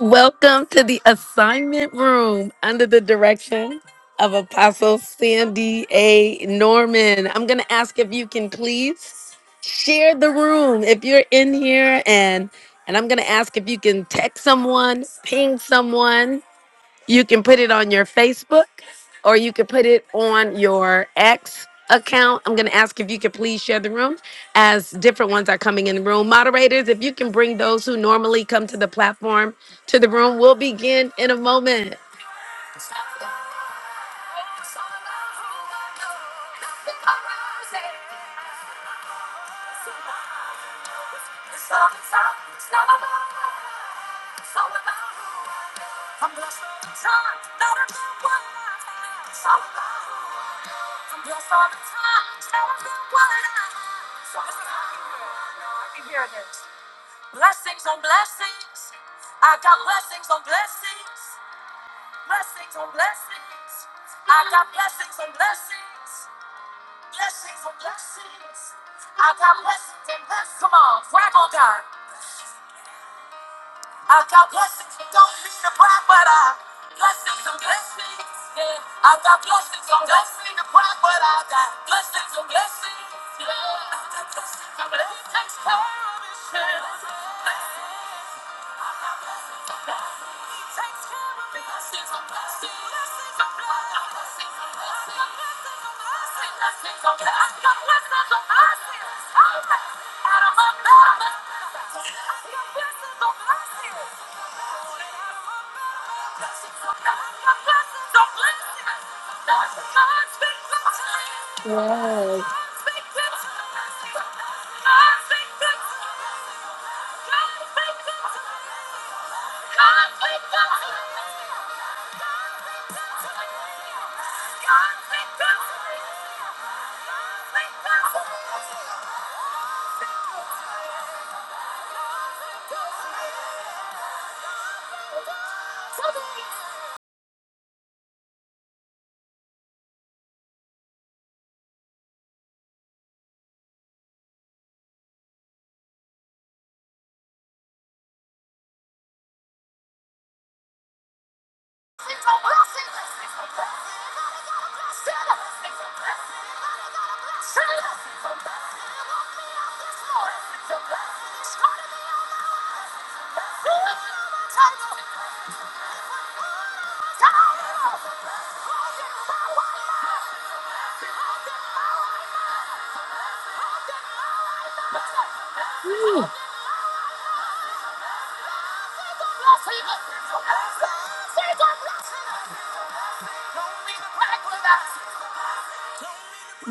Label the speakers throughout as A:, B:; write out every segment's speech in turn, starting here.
A: Welcome to the assignment room under the direction of Apostle Sandy A. Norman. I'm going to ask if you can please share the room if you're in here and and I'm going to ask if you can text someone, ping someone you can put it on your Facebook or you can put it on your X account. I'm going to ask if you could please share the room as different ones are coming in the room. Moderators, if you can bring those who normally come to the platform to the room, we'll begin in a moment.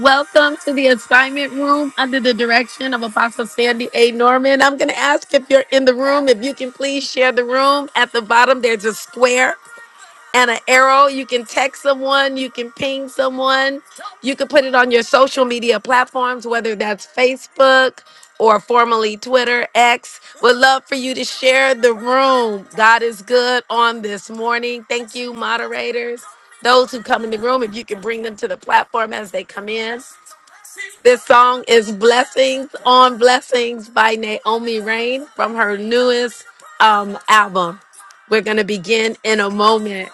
A: Welcome to the assignment room under the direction of Apostle Sandy A. Norman. I'm going to ask if you're in the room, if you can please share the room. At the bottom, there's a square. and an arrow. You can text someone, you can ping someone, you can put it on your social media platforms, whether that's Facebook or formerly Twitter, X. Would love for you to share the room. God is good on this morning. Thank you, moderators. Those who come in the room, if you can bring them to the platform as they come in. This song is Blessings on Blessings by Naomi Rain from her newest um, album. We're going to begin in a moment.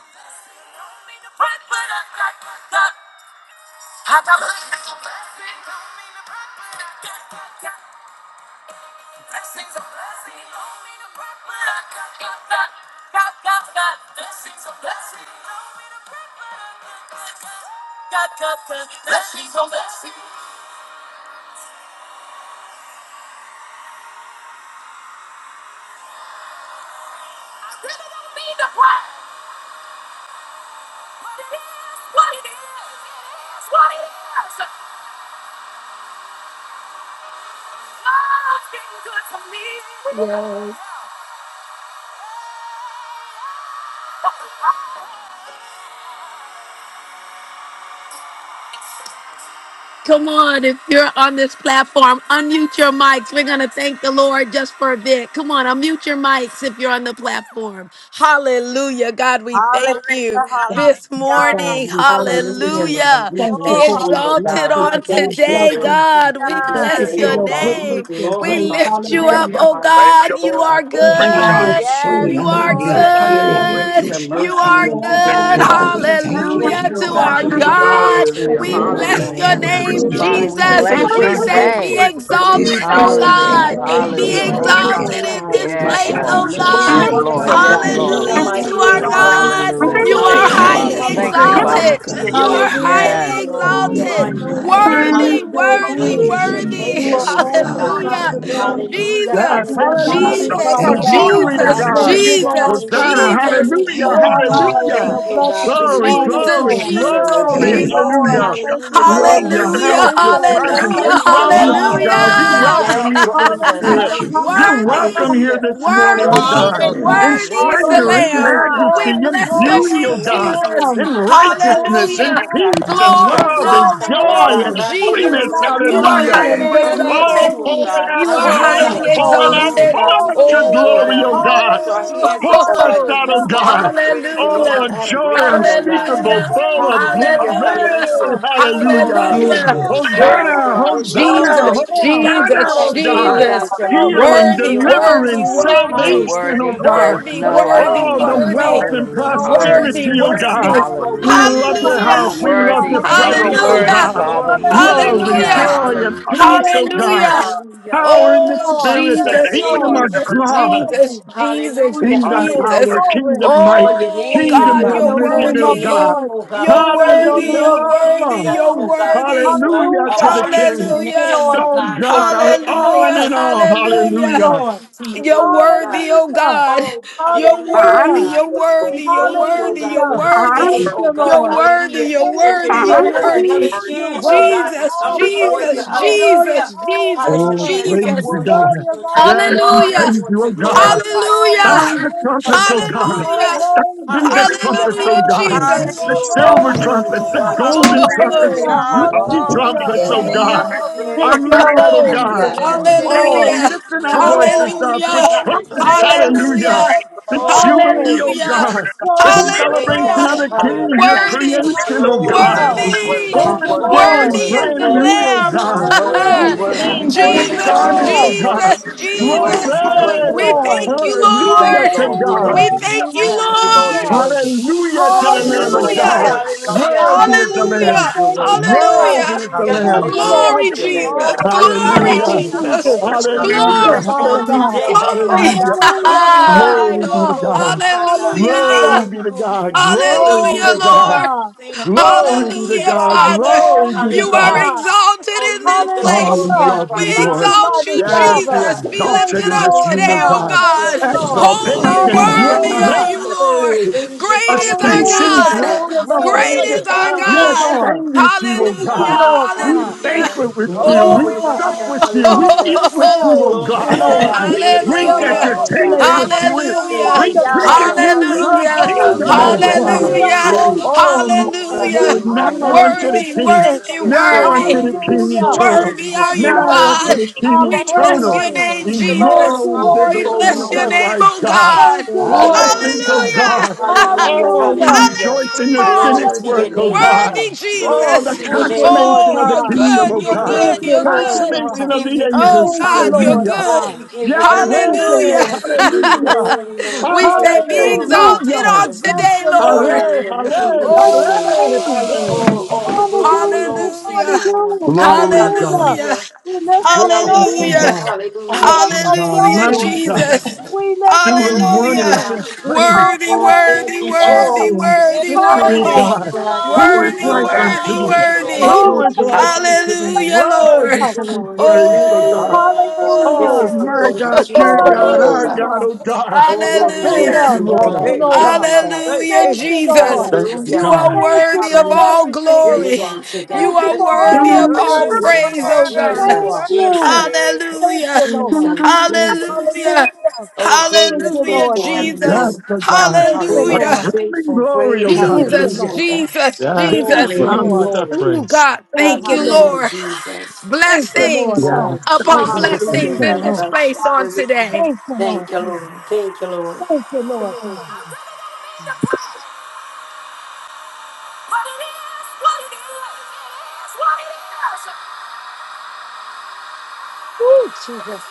A: Come on, if you're on this platform, unmute your mics. We're going to thank the Lord just for a bit. Come on, unmute your mics if you're on the platform. Hallelujah. God, we thank
B: Hallelujah,
A: you
C: Thank
A: this
C: you for
B: hallelujah.
C: God,
A: morning.
C: your blessings.
D: Hallelujah, Lord.
A: Hallelujah.
D: We
C: Thank you
A: Be
B: Oh,
D: bless
C: for
D: you,
C: our
D: oh
A: exalted
D: God.
C: blessings
D: We
B: hallelujah.
A: on
D: thank
C: upon
B: Thank you,
D: you,
A: today,
B: Lord
D: Lord,
C: blessings.
A: God. We
D: for this
C: Thank
B: Jesus.
C: you
A: bless
D: day,
C: for
A: your
D: oh
C: your
D: God. We
C: goodness,
A: name.
C: your
A: We
C: grace.
D: glorify you,
A: lift you
E: Yeah.
A: up,
C: Hallelujah.
A: oh
D: magnify you,
E: Thank you,
A: God.
D: oh
A: You
E: Lord.
D: God.
A: are
C: We
E: Glory to
D: We
E: God.
C: charge
F: Hayaba
D: Thank you
A: good.
D: for
F: sho
B: Yes,
C: this
D: your
A: You are
C: room
D: goodness, oh
C: with
B: Lord.
F: yamande
D: God,
C: your
D: your
F: yele
D: grace,
A: good.
C: praises,
D: your
F: bukushia
A: You
D: mercy,
F: ba.
A: are
D: and
C: your
D: today,
E: Thank
A: good.
E: you,
D: oh
C: adoration,
E: Lord.
F: Father,
D: God.
F: we
C: and your
F: thank you.
D: Thank
F: We
A: Hallelujah
D: you,
C: glory,
A: to
D: oh God,
A: our
F: thank
C: Father
D: for
F: you.
D: your
G: Hallelujah,
E: for
C: God.
A: God.
D: guidance on
G: hallelujah,
C: Thank
A: We
D: today,
C: you
D: oh
A: bless
F: Glory,
C: Lord,
D: God.
C: for
G: hallelujah.
A: your
E: the
C: your
E: mercy.
D: In
A: name,
F: hallelujah.
D: the
G: Father,
F: We
C: goodness.
D: mighty
G: we
C: Thank
A: Jesus.
D: name
F: thank you,
C: you
D: of
G: bless
C: for
A: We
E: Thank
G: your
C: your
F: God.
E: you,
A: say,
D: Jesus,
E: Lord.
D: we
A: Be
G: name.
C: mercy.
D: thank you
E: for
D: for
E: the
D: your
C: We
F: This
A: exalted,
D: protection,
A: oh
F: is the
C: praise
D: oh
F: day
C: you,
G: Hallelujah,
A: God.
D: God,
F: that
C: praise
F: thou
C: you,
D: and
F: hast
A: Be
D: your
G: hallelujah.
E: Glory
C: praise
E: to
C: you,
F: made,
E: God.
F: and
A: exalted
D: all-seeing eye,
C: Lord.
A: in this
D: oh
F: we
G: Yes,
D: God,
A: place,
F: shall
D: as
E: Bless
D: we
E: you,
A: oh
G: Lord.
D: look
F: rejoice
C: Lord,
F: and
E: Lord.
G: Yes,
A: God.
F: be
C: Lord, I
G: Lord.
D: so,
F: glad
G: Yes,
D: God,
F: in
C: adore
F: it.
D: in
C: you,
G: Lord.
D: the
C: I
A: Hallelujah
E: Thank
F: Thank you,
A: to
D: mighty
E: you,
A: our
D: name
C: magnify
E: God.
F: Father.
D: of
C: you, I
A: God.
C: bow
D: Jesus,
G: Hallelujah.
A: You are
G: Thank
C: before
G: you,
C: you,
G: Father.
F: Thank
D: hallelujah.
A: highly
F: you,
E: Glory
G: Thank
E: to
G: you,
C: hallelujah.
E: God.
F: oh
D: Glory
G: Father.
A: exalted.
D: to your
A: You
F: God,
A: are
D: name. We
C: Hallelujah,
D: bless
G: Yes,
D: you,
A: highly
F: for
D: Lord. We
F: you
C: hallelujah,
A: exalted,
F: are
D: honor you.
C: hallelujah,
E: Bless
F: mighty.
E: you,
C: above
A: worthy,
C: your
D: Hallelujah.
A: worthy,
D: Great
C: name.
D: is your
F: Hallelujah.
A: worthy.
C: You are
F: Yes,
D: faithfulness,
F: you
D: oh
C: awesome,
F: are.
D: God.
F: You are
A: Hallelujah.
C: Father God.
F: worthy.
D: Hallelujah,
H: Yes,
A: Jesus,
C: You are
F: And
D: hallelujah,
F: we
C: mighty,
F: say
E: Thank
A: Jesus,
E: you,
C: Father
H: hallelujah.
E: Lord.
D: hallelujah.
E: Glory to
F: thank you.
C: God.
E: God.
H: Glory to
A: Jesus,
C: Thank
H: God.
C: you,
F: Hallelujah.
D: Hallelujah,
C: Lord,
A: Jesus,
C: for your
H: Hosanna,
D: hallelujah,
A: Jesus.
C: goodness
D: hallelujah.
F: Thank
H: hallelujah,
C: in
F: you,
C: our
D: Oh,
F: God.
D: we
C: lives,
H: hallelujah.
C: your
D: thank you,
F: Thank
D: oh
F: you,
D: God,
C: blessings
A: Oh,
D: for
F: Jesus.
D: your
H: Glory,
C: upon us,
D: goodness
H: glory,
A: Jesus,
D: on
C: Lord.
D: today, oh
C: Thank
A: Jesus,
H: glory,
D: God.
C: you,
F: Hey,
A: Jesus.
C: Lord.
H: hallelujah.
F: thank you,
E: Hallelujah.
C: Thank
D: Hallelujah.
C: you,
F: Lord.
C: Lord,
D: Great
H: Love
C: for
D: is
F: Thank
E: Glory
F: you.
D: your
H: your
E: to
C: your
A: Hallelujah,
H: house,
E: God.
H: your
D: faithfulness,
C: faithful.
D: oh
E: To
C: You're
D: God.
H: presence.
E: God.
A: hallelujah,
D: Great
H: We
D: is
C: faithful,
D: your
C: Lord.
H: welcome
F: Thank
H: you,
D: love.
F: you for
H: God.
F: your
H: We
C: Hallelujah.
F: mighty
A: hallelujah.
H: welcome
D: Yes,
F: acts.
H: you, Holy
D: Jesus.
H: Spirit.
C: Hallelujah.
F: Thank you
E: God.
F: for,
D: Hallelujah.
H: You're
F: yeah,
A: Worthy,
H: welcome
C: Hallelujah.
F: God.
H: here
D: Hallelujah.
H: this
E: Lord, I
H: morning,
C: Hallelujah.
H: oh
E: to
F: You
D: Worthy
A: worthy,
F: are
D: is
H: God.
B: Hallelujah,
D: our
H: In
F: worthy.
D: God.
A: worthy is
D: Worthy
A: the
D: is
C: Glory,
H: splendor,
D: our
H: in
A: Lamb.
D: Lord, oh
B: hallelujah.
H: majesty,
A: We
D: God.
C: glory,
H: in
A: bless
E: you.
A: your
D: Oh,
C: glory
F: Yes,
H: beauty,
D: we
C: to
H: oh
A: name,
F: God.
C: the
D: bless
H: God.
F: Thank you.
D: you
A: Jesus.
D: and
H: In
C: Lamb.
D: great.
E: Thank you.
H: righteousness,
C: Glory,
D: Hallelujah,
H: in
A: Hallelujah.
E: Thank
D: oh
E: you.
C: glory
D: God.
H: peace,
D: We
C: to the
H: and
D: raise
A: Glory,
C: great
D: our
H: love,
E: Thank
C: I
H: and
E: you.
D: voice
E: Thank you.
A: glory,
D: up,
E: Lord.
D: oh
H: joy,
C: am.
D: God.
A: glory,
H: and
C: He's
A: Jesus.
H: holiness,
A: You are
E: Lord,
H: hallelujah.
D: Rasherororoshata
E: this
C: magnificent.
A: highly
C: He's
D: Unto
E: is
B: Glory,
H: Oh,
D: you,
A: exalted.
D: oh
C: mighty.
H: pour it
D: God.
E: the
H: out,
A: You
C: He's
E: Lord.
A: are
H: pour it out,
F: Oh,
A: highly
D: Hallelujah.
E: This
F: God.
E: is
H: pour
E: God.
H: it
C: wonderful.
F: Thank
H: out,
D: Oh
C: He's
F: you.
A: exalted.
D: God,
H: pour
D: we
H: out
A: Oh,
H: your
C: glorious.
D: thank you, oh
E: Word.
H: glory,
E: The
D: God.
H: oh
D: We
E: Lord is
H: God.
D: lift our
C: Hallelujah,
D: hands
H: Pour
D: up,
H: us
D: oh God,
H: out,
D: giving
H: oh
C: hallelujah,
D: you all the
H: God.
D: praise and
E: the
D: all
C: hallelujah.
D: the
H: Oh,
E: Word.
A: hallelujah.
E: of
H: joy
E: God.
D: adoration, oh
C: Praise
D: God.
C: him,
H: unspeakable,
A: Hallelujah.
H: full
C: praise
H: of
C: him,
D: Hallelujah,
C: praise
A: Hallelujah.
E: Hallelujah.
D: hallelujah.
H: glory.
C: him.
E: Glory to God.
D: Glory
H: Hallelujah.
D: to the
C: Praise
A: Hallelujah.
E: Give
C: him,
F: Ugh.
E: me
D: goodness of
E: the
D: God,
C: praise
H: Hosanna,
D: your
A: Oh.
C: him,
E: promise.
D: goodness,
E: That's
D: your
E: all.
H: Hosanna,
C: praise
A: Jesus,
D: grace,
B: glory,
D: your
C: him.
B: glory,
E: Thank
H: Hosanna,
E: you,
A: Jesus,
E: Lord.
H: oh
D: protection, oh
H: God.
B: glory,
A: Jesus.
C: Praise
D: God, your
C: him,
E: Hallelujah.
B: glory,
H: Healing,
C: praise
D: mercy,
A: Worthy,
D: oh
C: him,
D: God.
A: worthy,
H: deliverance,
C: praise
G: you're
C: him.
A: worthy,
H: salvation,
E: Thank
H: oh
B: glory.
D: Hallelujah,
E: you,
G: worthy.
E: Lord,
H: God.
G: There's
E: for the
A: worthy,
G: none
E: Word
D: hallelujah,
E: of
G: like
A: worthy,
E: God.
G: you,
H: Oh, the
C: Glory,
D: hallelujah.
G: Father.
A: worthy,
H: wealth
E: Thank
C: glory,
D: We
H: and
G: Hallelujah,
D: Thank you,
E: Thank
C: glory.
A: worthy,
H: prosperity,
G: hallelujah,
H: oh
D: Jesus.
H: God.
A: worthy.
D: Oh, we
H: We
G: hallelujah.
C: Hallelujah,
D: thank
H: love
D: you, oh
H: your
D: God.
A: Hallelujah,
G: You're
H: house. We love
C: hallelujah,
D: We
G: worthy.
H: your
G: You
D: thank
G: are
D: you,
H: presence, oh
C: hallelujah,
D: Lord.
G: worthy,
A: hallelujah,
H: God
G: Father.
D: Glory is your
H: love
D: name,
H: and
G: Hallelujah,
D: oh
A: hallelujah,
C: hallelujah,
D: God.
H: joy and
G: hallelujah.
H: peace, oh
D: Hallelujah,
H: God.
A: hallelujah.
C: hallelujah.
D: hallelujah.
C: Thank
H: Power in
C: you,
H: the
A: Oh,
C: Lord,
H: Spirit, the
C: thank you,
A: Jesus,
H: kingdom
C: Lord.
H: of
D: Jesus,
A: Jesus,
H: God,
C: Glory,
A: Jesus, Jesus,
D: Hallelujah,
H: kingdom
C: hey,
A: Jesus.
H: power,
D: hallelujah.
C: glory.
D: We
H: kingdom
D: call
H: might,
D: your
A: Oh,
D: name, oh
H: kingdom
A: God,
C: Lift
D: God.
A: you're
D: We
C: your
D: call
H: dominion,
C: name
H: oh
D: your
C: up,
A: worthy.
H: God.
D: name,
C: Lord.
D: oh God. We
A: You're
C: Sing
D: call
C: your
D: your
A: worthy,
C: name
A: you're
D: name,
C: above
A: worthy,
H: Hallelujah!
C: every
D: Jesus,
A: you're
D: oh
C: name.
D: God.
A: worthy.
D: Well,
H: Hallelujah
D: a
H: to
C: Hallelujah.
H: the
D: wonderful
H: King.
C: Thank you,
A: Hallelujah.
D: name, oh
C: Lord
H: Oh
D: God.
C: Jesus.
H: God, our
C: Thank you,
H: all and
A: Hallelujah,
C: Lord.
H: in all,
C: Thank you,
A: hallelujah.
H: hallelujah.
D: Glory
C: Lord.
D: to your
A: You're
D: name, oh God.
A: worthy, oh
C: Hallelujah.
A: God.
D: Oh,
A: You're
D: hallelujah, oh
A: worthy,
C: Hallelujah.
D: God.
A: you're
D: We
A: worthy, you're
D: thank you, oh
A: worthy, you're
D: God, for
C: Hallelujah.
D: this
A: worthy.
D: day,
C: Thank you,
D: oh God.
A: You're
C: Lord.
A: worthy,
D: Hallelujah.
A: you're
C: Thank
D: That you're
A: worthy,
C: you,
A: you're
D: giving us
C: Lord.
D: another
A: worthy.
C: Your
D: chance, oh
C: worthy
D: God,
C: of
D: to
A: Jesus,
D: come
C: all
D: before you.
A: Jesus,
C: praise. Your worthy of
D: Hallelujah.
A: Jesus,
C: all
A: Jesus,
H: Oh,
C: honor.
D: Hallelujah.
H: praise
D: To
A: Jesus.
H: you,
C: Your
H: God.
D: worship
C: worthy
D: you
C: of
D: and to
C: all
H: Yes, we
D: honor
A: Hallelujah,
C: glory.
H: praise
D: you and
H: you, oh
D: to
C: Your
H: God.
C: worthy of
D: glorify you and
C: all
D: to
H: Sound
A: hallelujah,
H: the
D: lift you up
C: recognition.
H: trumpets, oh
D: on
C: You
H: God.
D: high,
C: are
A: hallelujah,
D: Lord.
H: Sound
C: worthy.
H: the
C: You are
D: Hallelujah.
H: trumpets, oh
A: hallelujah,
D: Hallelujah.
C: worthy.
H: God.
B: Hallelujah,
C: You
A: Jesus.
H: The
C: are
D: Glory is
B: hallelujah,
H: silver
A: Oh,
D: your
C: worthy.
D: name, oh
H: trumpets, the
D: God.
B: hallelujah.
H: golden trumpets, the
D: Wonderful
C: Hallelujah.
D: is your name,
H: jubilee
D: oh God.
B: Glory,
C: Hallelujah.
H: trumpets,
F: Yes,
H: oh
B: glory,
H: God.
F: ma'am.
D: Magnificent
B: glory.
D: is
H: Our
A: Oh,
C: Thank
D: your
C: you,
D: name,
H: mouth,
D: oh
C: Lord
H: oh
D: God.
F: I'll
A: hallelujah.
F: be
H: God.
C: Jesus.
F: out
D: And
F: in a
D: we
C: Thank
F: minute.
C: you,
D: thank you
C: Lord.
H: Oh,
D: Lord, this
H: lifting our
D: morning, oh
H: voices
D: God.
C: Glory,
H: up with
A: Hallelujah.
C: glory,
H: trumpets,
D: Hallelujah,
C: glory,
H: hallelujah.
A: Hallelujah.
D: hallelujah.
C: glory,
H: The
D: Oh, we
C: glory.
H: jubilee,
D: thank you,
H: oh
A: Hallelujah.
H: God.
D: Jesus.
H: The
D: We
I: Hallelujah.
C: Glory,
D: thank you,
H: celebration
A: Hallelujah.
H: of
D: Lord.
H: the
C: glory,
I: Hallelujah.
H: King, your
D: Hallelujah.
C: hallelujah,
A: Worthy,
H: creation, oh
I: Oh,
F: Ooh,
I: yeah.
D: Glory
H: God.
D: to
C: hallelujah.
F: Lord
I: He's
D: God.
I: worthy.
A: worthy,
F: Jesus. help
C: Thank
I: He's
H: Born
F: me.
C: you,
D: Oh, you're
C: Lord.
H: again,
A: worthy
I: worthy.
D: so
A: is
H: brand
I: He's
A: the
C: Thank
H: new,
D: worthy.
I: worthy.
C: you
H: oh
D: You're
C: for the
H: God.
I: He's
C: new
D: so
I: worthy.
E: you.
C: year.
I: He's
D: worthy,
H: New
A: Lamb.
D: oh
I: worthy.
D: God.
H: things
I: He's
H: and
C: Thank
H: new
I: worthy.
C: you,
I: He's
A: Jesus,
D: Oh,
H: garments,
I: worthy.
C: Lord.
H: oh
I: He's
D: glory to
H: God.
D: the
A: Jesus,
I: worthy.
D: name.
I: He's worthy. He's worthy.
A: Jesus.
I: He's
C: Thank you,
I: worthy.
H: Glory!
D: Hallelujah,
A: We
I: He's
E: Yes,
C: Lord.
A: thank
I: worthy.
A: you,
D: hallelujah.
I: We thank
H: Hallelujah
I: you,
A: Lord.
H: to
D: Oh,
I: Lord.
D: we
I: You're
H: God.
D: thank
A: We
F: Oh,
C: Hallelujah,
I: worthy.
D: you,
A: thank you,
I: We thank
D: Jesus.
I: you, Lord. You're
A: Lord.
C: hallelujah,
I: worthy.
H: Hallelujah to the
I: Thank you,
H: Lamb of
E: Lord,
I: Lord. You're
A: Hallelujah.
D: Hallelujah,
H: God.
C: hallelujah,
E: there
I: worthy.
E: we are.
D: hallelujah.
H: Worthy is the
I: We thank
C: hallelujah.
A: Hallelujah.
H: Lamb.
I: you. You're
E: Purpose
C: Thank
E: and
C: you,
I: worthy.
E: praise,
C: Lord.
E: Lord.
A: Hallelujah.
H: Worthy is the
D: Hallelujah,
C: Thank
I: Hallelujah.
H: Lamb.
C: you,
E: Father,
D: hallelujah,
I: Glory
C: Lord
A: Glory,
I: to your name,
C: Jesus.
A: Jesus.
D: hallelujah.
B: Glory
I: God.
B: to
I: Hallelujah.
A: Glory,
C: Thank
B: God
C: you,
D: Oh,
B: in
H: Hallelujah.
B: the
D: order of
A: Jesus.
C: Jesus.
B: highest.
D: conception.
C: Thank you,
A: Glory,
H: Hallelujah.
I: Hallelujah.
D: Fresh on
C: Father
B: Hallelujah,
C: God.
H: Hallelujah.
D: today, oh
A: glory.
D: God.
B: hallelujah,
H: Hallelujah.
C: Hallelujah,
D: Leading
B: hallelujah.
D: guide,
H: Glory be
D: oh,
H: to
C: hallelujah,
D: ro, ro,
H: God.
D: shata.
H: Glory
C: hallelujah.
A: Hallelujah.
D: Oh,
H: be
D: you
H: to
D: go
H: God.
D: before us on
H: Glory
D: this
H: be
A: Hallelujah,
C: Glory
H: to
D: day, oh
C: to
H: God.
D: God.
A: Lord.
C: God.
D: Thank you, oh
C: Glory
H: Glory
D: God.
H: be to
C: to
A: Hallelujah,
H: God.
C: God.
A: Father.
D: Hallelujah,
H: Glory
C: Glory
H: be
C: to
H: to
A: You are
H: God.
D: hallelujah.
C: God.
A: exalted
D: Oh,
A: in
D: you
A: this
D: get the
H: Oh,
A: place.
H: we
D: glory
C: Hallelujah.
D: out
H: love
D: of
A: We
D: our
H: you,
C: Thank you,
H: Lord.
D: lives
A: exalt
D: on
C: mighty
A: you,
D: today,
H: Yes,
D: oh
C: Father.
H: you're
A: Jesus.
D: God.
A: Be
C: Thank
H: exalted
A: lifted
C: you,
H: in
A: up
H: this
C: Lord
H: room, oh
A: today,
D: Hallelujah,
A: O
C: God.
H: God.
C: Thank
A: God.
C: you,
D: Jesus.
C: Lord.
A: Holy,
H: Exaltation,
D: Hallelujah,
A: worthy are
C: Hallelujah.
A: you,
D: hallelujah.
A: Lord.
H: glory,
D: Great is your
A: Great is our
D: faithfulness, oh
H: ascension,
C: Hallelujah.
A: God.
C: Thank
D: God.
C: you,
B: Jesus,
C: Lord.
D: Great
A: Great
D: is your
A: is
H: glory.
A: our
C: Thank
H: We
D: love,
C: you,
D: oh
B: Jesus,
A: God.
D: God.
C: Lord.
H: ascend
B: Jesus,
H: with you,
D: Great
H: oh
C: Thank
D: is your
C: you,
H: God.
A: Hallelujah,
D: love,
B: God.
C: Lord
H: We
C: God.
A: hallelujah.
D: hallelujah.
H: banquet with
F: What's
H: you.
B: Oh,
H: We
B: we
C: Hallelujah.
H: sup
D: Hallelujah,
H: with
B: worship,
H: you. We eat
D: hallelujah.
B: worship,
H: with
C: Hallelujah.
H: you,
B: worship,
A: Oh,
H: oh
C: Thank you,
D: Glory
H: God.
D: to
C: Lord.
D: God.
B: worship
H: We
B: you,
D: Great is your
H: drink
C: You're
H: at
A: Hallelujah.
D: love,
H: your
B: Lord.
D: oh
C: marvelous.
D: God.
H: table with you.
C: You're
A: Hallelujah.
D: Thank you,
H: We drink
B: Hallelujah.
C: wonderful.
H: at
D: Jesus.
H: you in
C: You're
H: your
A: Hallelujah.
F: What's
B: Glory,
F: the
H: kingdom, oh
F: matter
C: worthy.
D: Hallelujah,
F: with
H: God.
F: you?
C: You're
B: glory.
A: Hallelujah.
D: hallelujah.
F: Dude.
H: Oh,
C: awesome.
D: Oh,
H: my
A: Hallelujah.
D: Rashi,
H: Lord,
C: You are
H: now unto
D: Rasha.
H: the
A: Worthy,
H: King,
C: magnificent.
A: worthy,
D: You're so
H: now
A: worthy.
H: unto the
D: worthy. You're
H: King
D: so
C: Hallelujah.
H: eternal,
D: worthy.
A: Worthy
D: You're
C: I
A: are
D: so
A: you,
C: bless
H: now unto
A: God.
D: worthy.
H: the
C: you.
H: King
C: I
A: We
B: Thank
D: Oh,
B: you,
D: God,
A: bless
C: praise
H: eternal,
B: Lord.
A: your
C: you.
B: Thank
A: name,
D: Jesus.
B: you,
C: Thank
A: Jesus.
H: immortal,
C: you,
D: Oh,
B: Lord.
C: Lord
A: We
D: thank
H: invisible,
D: you,
H: the
A: bless your
H: only
C: Jesus.
D: Lord.
A: name,
H: wise
A: oh
H: God.
D: Thank
A: God.
C: Thank you,
D: you,
C: Lord
F: Okay,
D: Lord.
H: Blessings, O
C: Jesus.
F: Messiah, what's
H: God.
F: going
A: Hallelujah.
F: on?
D: Hallelujah,
H: Oh, we
C: Hallelujah.
D: hallelujah.
H: rejoice
F: You
H: in your
F: making
A: Hallelujah.
D: Glory
H: finished
F: noise
D: to your
H: work,
F: early in
H: O
F: the
D: name.
H: God.
C: Hallelujah.
A: Worthy
F: morning.
H: Oh,
D: Glory
H: the
D: to
A: Jesus.
D: your
C: Thank you,
D: name.
C: Lord
H: consummation
A: Oh,
H: of the
A: you're
C: God.
D: We
H: kingdom,
D: give
H: O
A: good.
D: you
A: You're
H: God.
C: Thank
A: good.
D: glory.
C: you,
A: You're
C: Lord
A: good.
D: We
H: Consummation
C: God.
H: of
D: give
H: the
D: you glory.
A: Oh
H: angels,
C: Thank you,
A: God, you're
C: Lord
H: hallelujah.
D: Oh,
A: good.
C: God.
D: we give you
C: Thank
D: glory.
C: you,
A: Hallelujah.
H: Yahweh,
C: Lord
D: We give you
C: Jesus.
H: hallelujah.
D: glory, Lord. We
A: We
D: give
A: say,
D: you
A: be
D: glory,
C: Hallelujah.
A: exalted
H: Hallelujah.
C: We
A: on
D: Jesus.
C: bless
A: today,
C: your
A: Lord.
D: Oh,
C: name.
H: Hallelujah,
D: Lord, we
C: We
D: give you the
C: bless your
D: glory.
H: hallelujah,
A: Oh.
C: name.
H: hallelujah.
D: Oh,
C: We
D: all the
C: honor
D: glory
C: you. We
D: belongs to
C: honor
A: Hallelujah.
D: you, Lord.
C: you.
H: Glory to
C: Hallelujah.
H: God.
A: Hallelujah.
D: Hallelujah.
C: We lift
H: You're
C: up your
H: awesome
A: Hallelujah.
D: Hallelujah.
C: name.
H: God.
C: We
D: Hallelujah.
C: lift
H: Awesome
C: up
H: God.
C: your
A: Hallelujah,
H: Mighty
D: Glory to
C: name.
H: God.
D: God.
A: Jesus.
C: We lift up
H: Doing
C: your
D: Glory to
A: Hallelujah.
H: wonders
C: name.
H: and
D: God.
H: praise.
A: Worthy,
D: Oh, thank
A: worthy,
D: you,
C: Hallelujah.
A: worthy,
H: Oh,
D: Jesus.
B: Give
A: worthy,
B: God
H: victory
D: Oh,
C: Hallelujah.
A: worthy.
B: glory,
H: God.
D: God, we
H: Who
B: glory,
H: is
D: thank you,
A: Worthy,
D: oh
H: like
D: God.
H: unto
I: Glory,
A: worthy,
I: glory,
H: thee?
I: glory,
D: We
A: worthy.
B: glory.
H: Who
I: glory,
H: is
D: thank you,
I: glory,
H: like
D: Lord.
H: unto thee?
A: Hallelujah,
D: We
A: Lord.
H: Worthy
D: thank
I: glory,
C: Hallelujah.
D: you,
H: to be
D: Lord. We
H: praised,
D: thank
H: oh
D: you,
H: God.
D: Lord.
I: glory, glory,
D: This
I: glory,
H: Oh
C: Hallelujah. Hallelujah.
D: is
A: Oh,
D: the
H: my
D: day
I: glory,
H: God,
D: that you have
H: your
I: glory, glory.
D: made,
H: God,
D: oh
H: our
I: glory.
D: God.
H: God, oh
D: We
H: God.
D: will
I: Glory,
H: Thank
I: glory,
C: Hallelujah.
A: hallelujah.
D: rejoice and
H: you,
D: be
C: Thank
I: glory.
H: Lord.
C: you,
D: glad
I: Hey,
D: in it,
C: Lord.
D: oh
I: Yalabashay.
D: God.
I: Hey,
A: Hallelujah,
I: hey.
C: Thank you,
A: Jesus.
C: Lord.
H: Thank
I: hallelujah.
H: you,
A: You
D: Hallelujah.
A: are
H: God.
C: Thank you
A: worthy
C: for
A: of
I: Hallelujah.
A: all
C: everything.
I: Yes,
A: glory.
I: you
D: Glory
I: are.
D: to
A: You
C: Thank
D: God.
C: you
A: are
C: for
I: Yes, you
A: worthy
C: all
A: of
I: worthy.
A: all
B: Worthy,
C: things.
I: Yes, you
A: praise,
D: Jesus,
I: are.
A: oh
I: Yes,
B: worthy,
A: God.
I: you
C: Thank
D: Jesus,
I: are.
C: you.
D: Jesus,
B: worthy.
C: Thank
A: Hallelujah.
C: you, Lord.
D: Jesus, Jesus.
A: Hallelujah.
C: Hallelujah.
D: Oh, great
C: Thank you,
D: and
A: Hallelujah,
C: Lord
D: faithful are you,
C: Jesus.
H: Yes,
A: Jesus.
D: Lord.
H: oh God.
C: Thank you,
D: Great
H: A
A: Hallelujah.
C: Lord.
D: and
I: Hallelujah.
H: crowning
D: faithful,
H: glory,
D: great
H: oh
D: and
H: God.
C: Thank you,
D: faithful,
A: Jesus,
D: oh
C: Lord
I: Hallelujah.
D: God.
C: God.
A: Jesus,
H: Yeah,
I: Glory,
C: Thank
A: Jesus.
C: you,
H: crown
I: glory,
H: you
D: Hallelujah.
C: Lord.
H: with our
I: glory.
A: Oh
H: praise.
A: God,
C: Thank
A: thank
C: you,
A: you,
C: Lord.
D: Hallelujah,
A: Lord.
I: Hallelujah.
D: Jesus.
I: We
C: Thank you,
I: bless
C: Lord
A: Blessings
I: you.
H: Yeah,
C: God.
D: Oh,
A: upon
H: thousands of
D: Jesus.
C: Thank
H: thank
I: Hallelujah.
A: blessings
H: you.
C: you,
D: Thank you,
A: in this
C: Lord.
D: Lord.
A: place on
I: Hallelujah.
A: today.
C: Thank you, Lord
D: Thank you,
C: God.
D: Lord. Thank you,
C: Thank you, Lord God.
D: Lord.
A: Woo, Jesus.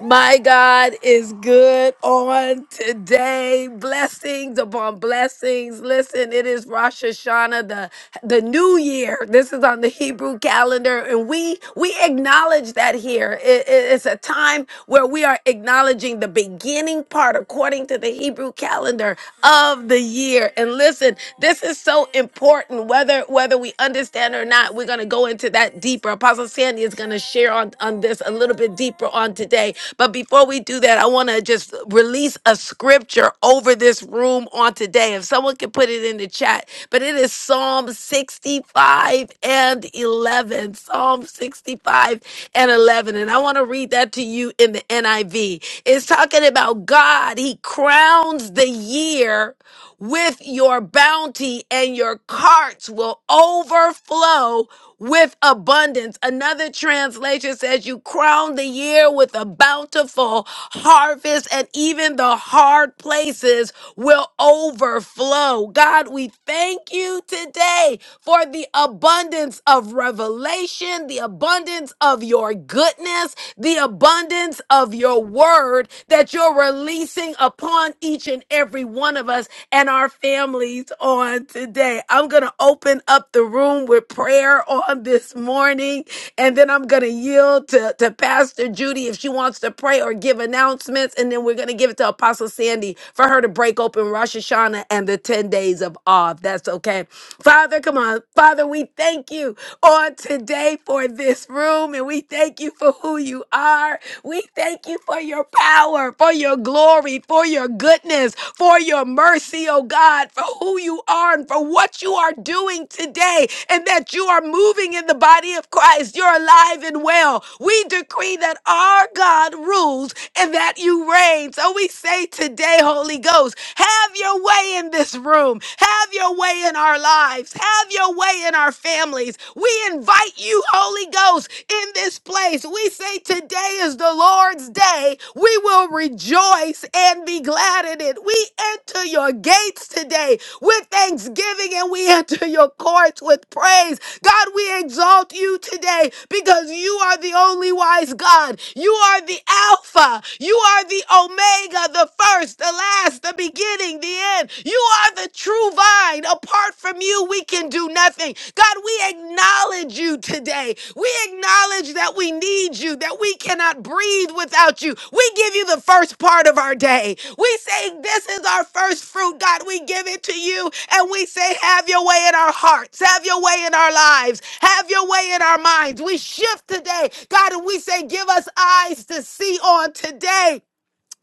A: My God is good on today. Blessings upon blessings. Listen, it is Rosh Hashanah, the, the new year. This is on the Hebrew calendar, and we we acknowledge that here. It- it- it's a time where we are acknowledging the beginning part according to the Hebrew calendar of the year. And listen, this is so important, whether whether we understand or not. We're gonna go into that bit deeper. Apostle Sandy is going to share on, on this a little bit deeper on today. But before we do that, I want to just release a scripture over this room on today. If someone could put it in the chat, but it is Psalm 65 and 11. Psalm 65 and 11. And I want to read that to you in the NIV. It's talking about God, He crowns the year with your bounty, and your carts will overflow with abundance. Another translation says, You crown the year with a bountiful harvest, and even the hard places will overflow. God, we thank you today for the abundance of revelation, the abundance of your goodness, the abundance of your word that you're releasing upon each and every one of us and our families on today. I'm going to open up the room with prayer on this morning, and then I'm going to yield to, to Pastor Judy if she wants to pray or give announcements, and then we're going to give it to Apostle Sandy for her to break open Rosh Hashanah and the 10 days of awe. if That's okay. Father, come on. Father, we thank you on today for this room, and we we thank you for who you are. We thank you for your power, for your glory, for your goodness, for your mercy, oh God, for who you are and for what you are doing today, and that you are moving in the body of Christ. You're alive and well. We decree that our God rules and that you reign. So we say today, Holy Ghost, have your way in this room, have your way in our lives, have your way way in our families. We invite you, Holy Ghost, in this place. We say today is the Lord's day. We will rejoice and be glad in it. We enter your gates today with thanksgiving and we enter your courts with praise. God, we exalt you today because you are the only wise God. You are the Alpha. You are the Omega, the first, the last, the beginning, the end. You are the true vine. Apart from you, we can do nothing. God, we acknowledge you today. We acknowledge that we need you, that we cannot breathe without you. We give you the first part of our day. We say, This is our first fruit, God. We give it to you and we say, Have your way in our hearts, have your way in our lives, have your way in our minds. We shift today, God, and we say, Give us eyes to see on today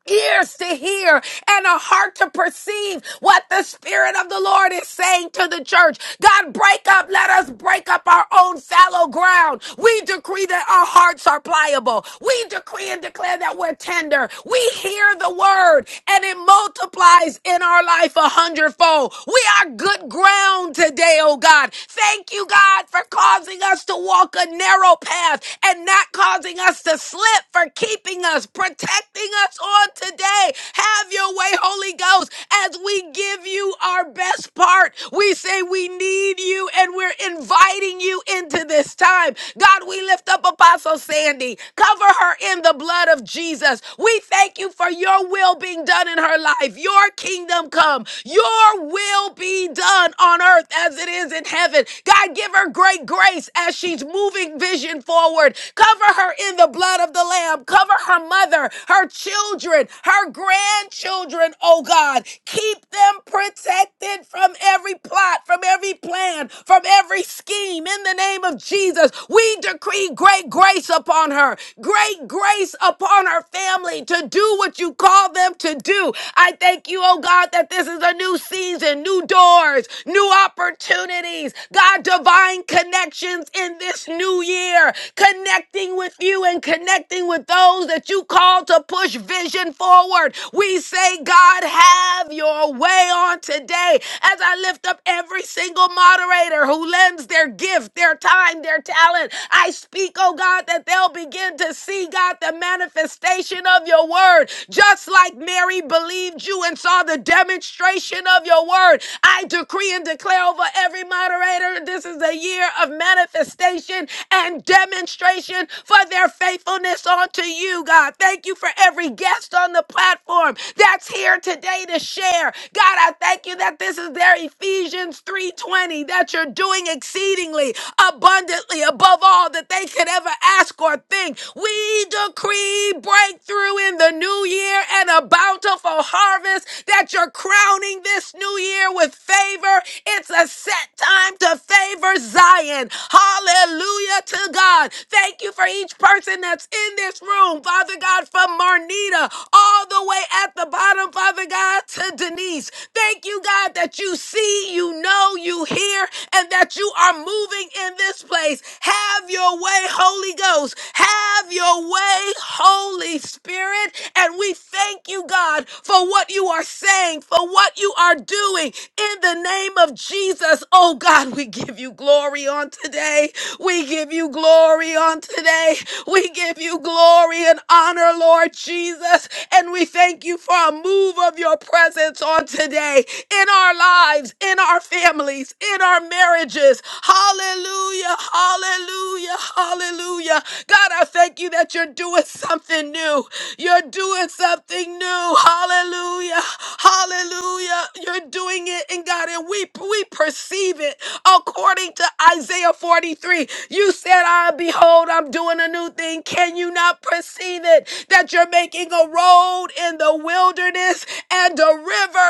A: ears to hear and a heart to perceive what the Spirit of the Lord is saying to the church. God, break up. Let us break up our own fallow ground. We decree that our hearts are pliable. We decree and declare that we're tender. We hear the word and it multiplies in our life a hundredfold. We are good ground today, oh God. Thank you, God, for causing us to walk a narrow path and not cause causing us to slip, for keeping us, protecting us on today. Have your way, Holy Ghost, as we give you our best part. We say we need you and we're inviting you into this time. God, we lift up Apostle Sandy. Cover her in the blood of Jesus. We thank you for your will being done in her life. Your kingdom come. Your will be done on earth as it is in heaven. God, give her great grace as she's moving vision forward. Cover her in the blood of the Lamb. Cover her mother, her children, her grandchildren, oh God. Keep them protected from every plot, from every plan, from every scheme. In the name of Jesus, we decree great grace upon her, great grace upon her family to do what you call them to do. I thank you, oh God, that this is a new season, new new doors, new opportunities, God, divine connections in this new year, connecting with you and connecting with those that you call to push vision forward. We say, God, have your way on today as I lift up every single moderator who lends their gift, their time, their talent. I speak, oh God, that they'll begin to see, God, the manifestation of your word, just like Mary believed you and saw the demonstration of your word. I decree and declare over every moderator this is a year of manifestation and demonstration for their faithfulness unto you, God. Thank you for every guest on the platform that's here today to share. God, I thank you that this is their Ephesians 3:20 that you're doing exceedingly abundantly above all that they could ever ask or think. We we decree breakthrough in the new year and a bountiful harvest that you're crowning this new year with favor. It's a set time to favor Zion. Hallelujah to God. Thank you for each person that's in this room, Father God, from Marnita all the way at the bottom, Father God, to Denise. Thank you, God, that you see, you know, you hear, and that you are moving in this place. Have your way, Holy Ghost. Have your way, Holy Spirit. And we thank you, God, for what you are saying, for what you are doing. In the name of Jesus, oh God, we give you glory on today. We give you glory on today. We give you glory and honor, Lord Jesus. And we thank you for a move of your presence on today in our lives, in our our families, in our marriages. Hallelujah, hallelujah, hallelujah. God, I thank you that you're doing something new. You're doing something new. Hallelujah, hallelujah. You're doing it, and God, and we, we perceive it according to Isaiah 43. You said, I behold, I'm doing a new thing. Can you not perceive it? That you're making a road in the wilderness and a river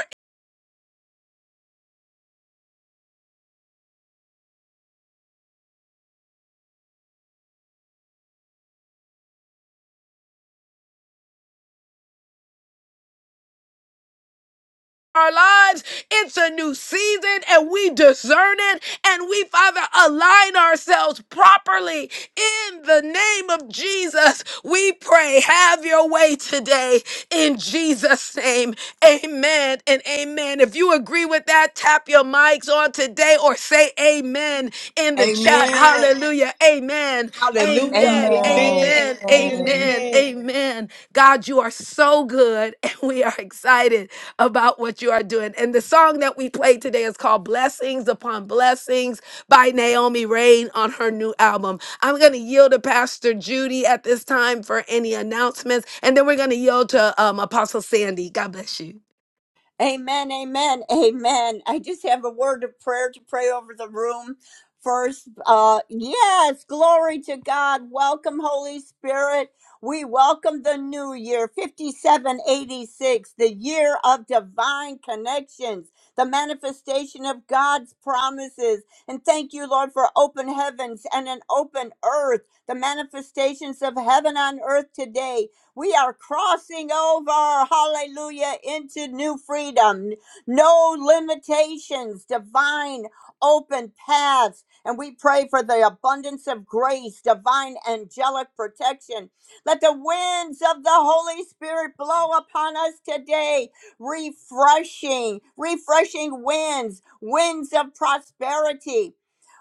A: our lives. It's a new season and we discern it and we, Father, align ourselves properly in the name of Jesus. We pray, have your way today in Jesus' name. Amen and amen. If you agree with that, tap your mics on today or say amen in the chat.
I: Amen.
A: Hallelujah. Amen.
I: Hallelujah.
A: Amen.
B: Amen.
J: Amen.
I: Amen.
A: Amen.
I: Amen.
J: Amen.
A: Amen.
I: Amen.
A: Amen. God, you are so good, and we are excited about what you are doing. And the song that we played today is called Blessings Upon Blessings by Naomi Rain on her new album. I'm going to yield to Pastor Judy at this time for any announcements, and then we're going to yield to um, Apostle Sandy. God bless you.
B: Amen, amen, amen. I just have a word of prayer to pray over the room first. Uh, yes, glory to God. Welcome, Holy Spirit. We welcome the new year, 5786, the year of divine connections, the manifestation of God's promises. And thank you, Lord, for open heavens and an open earth, the manifestations of heaven on earth today. We are crossing over, hallelujah, into new freedom. No limitations, divine open paths. And we pray for the abundance of grace, divine angelic protection. Let the winds of the Holy Spirit blow upon us today, refreshing, refreshing winds, winds of prosperity.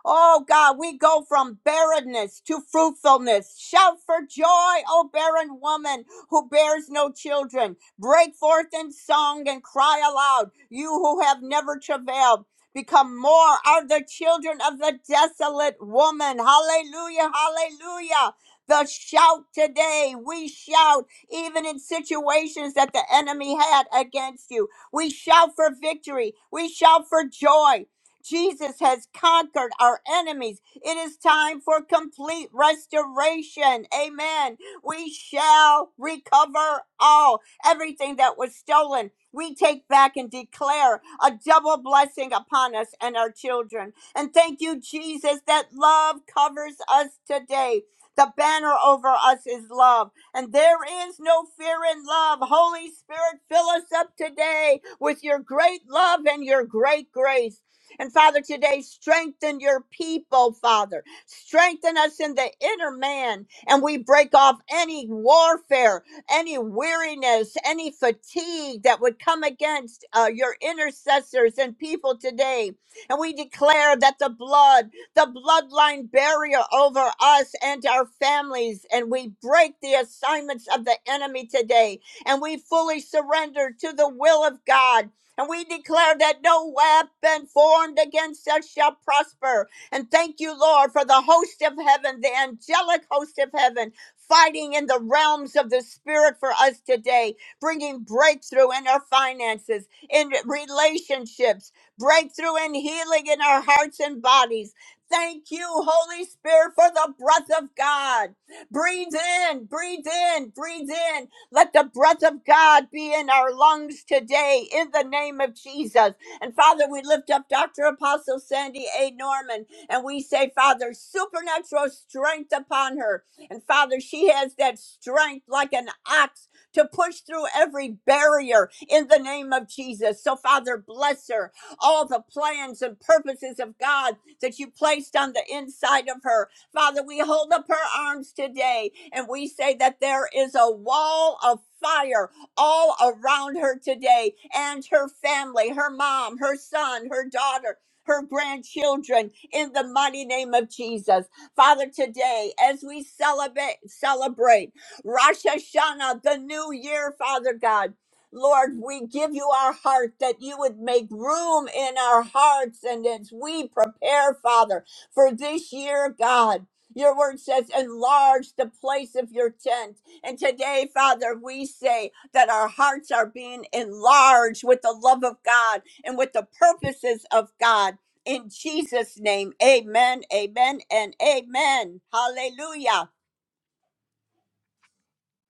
B: Oh God, we go from barrenness to fruitfulness. Shout for joy, O barren woman who bears no children. Break forth in song and cry aloud, you who have never travailed. Become more are the children of the desolate woman. Hallelujah, hallelujah. The shout today, we shout even in situations that the enemy had against you. We shout for victory, we shout for joy. Jesus has conquered our enemies. It is time for complete restoration. Amen. We shall recover all, everything that was stolen. We take back and declare a double blessing upon us and our children. And thank you, Jesus, that love covers us today. The banner over us is love, and there is no fear in love. Holy Spirit, fill us up today with your great love and your great grace. And Father, today, strengthen your people, Father. Strengthen us in the inner man and we break off any warfare, any weariness, any fatigue that would come against uh, your intercessors and people today. And we declare that the blood, the bloodline barrier over us and our families, and we break the assignments of the enemy today. And we fully surrender to the will of God. And we declare that no weapon formed against us shall prosper and thank you, Lord, for the host of heaven, the angelic host of heaven, fighting in the realms of the spirit for us today, bringing breakthrough in our finances, in relationships, breakthrough and healing in our hearts and bodies. Thank you, Holy Spirit, for the breath of God. Breathe in, breathe in, breathe in. Let the breath of God be in our lungs today in the name of Jesus. And Father, we lift up Dr. Apostle Sandy A. Norman. And we say, Father, supernatural strength upon her. And Father, she has that strength like an ox to push through every barrier in the name of Jesus. So, Father, bless her. All the plans and purposes of God that you placed on the inside of her. Father, we hold up her arms today and we say that there is a wall of fire all around her today and her family, her mom, her son, her daughter her grandchildren in the mighty name of Jesus. Father, today, as we celebrate, celebrate Rosh Hashanah, the new year, Father God, Lord, we give you our heart that you would make room in our hearts. And as we prepare, Father, for this year, God, your word says, enlarge the place of your tent. And today, Father, we say that our hearts are being enlarged with the love of God and with the purposes of God. In Jesus' name, amen, amen, and amen. Hallelujah.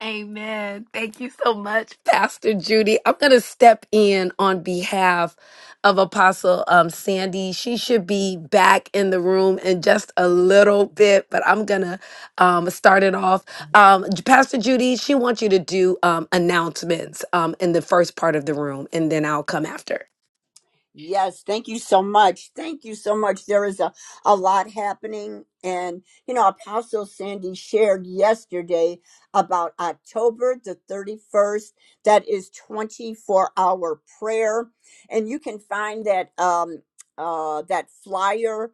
A: Amen. Thank you so much, Pastor Judy. I'm going to step in on behalf of Apostle um, Sandy. She should be back in the room in just a little bit, but I'm going to um, start it off. Um, J- Pastor Judy, she wants you to do um, announcements um, in the first part of the room, and then I'll come after.
B: Yes, thank you so much. Thank you so much. There is a, a lot happening. And, you know, Apostle Sandy shared yesterday about October the 31st. That is 24 hour prayer. And you can find that, um, uh, that flyer.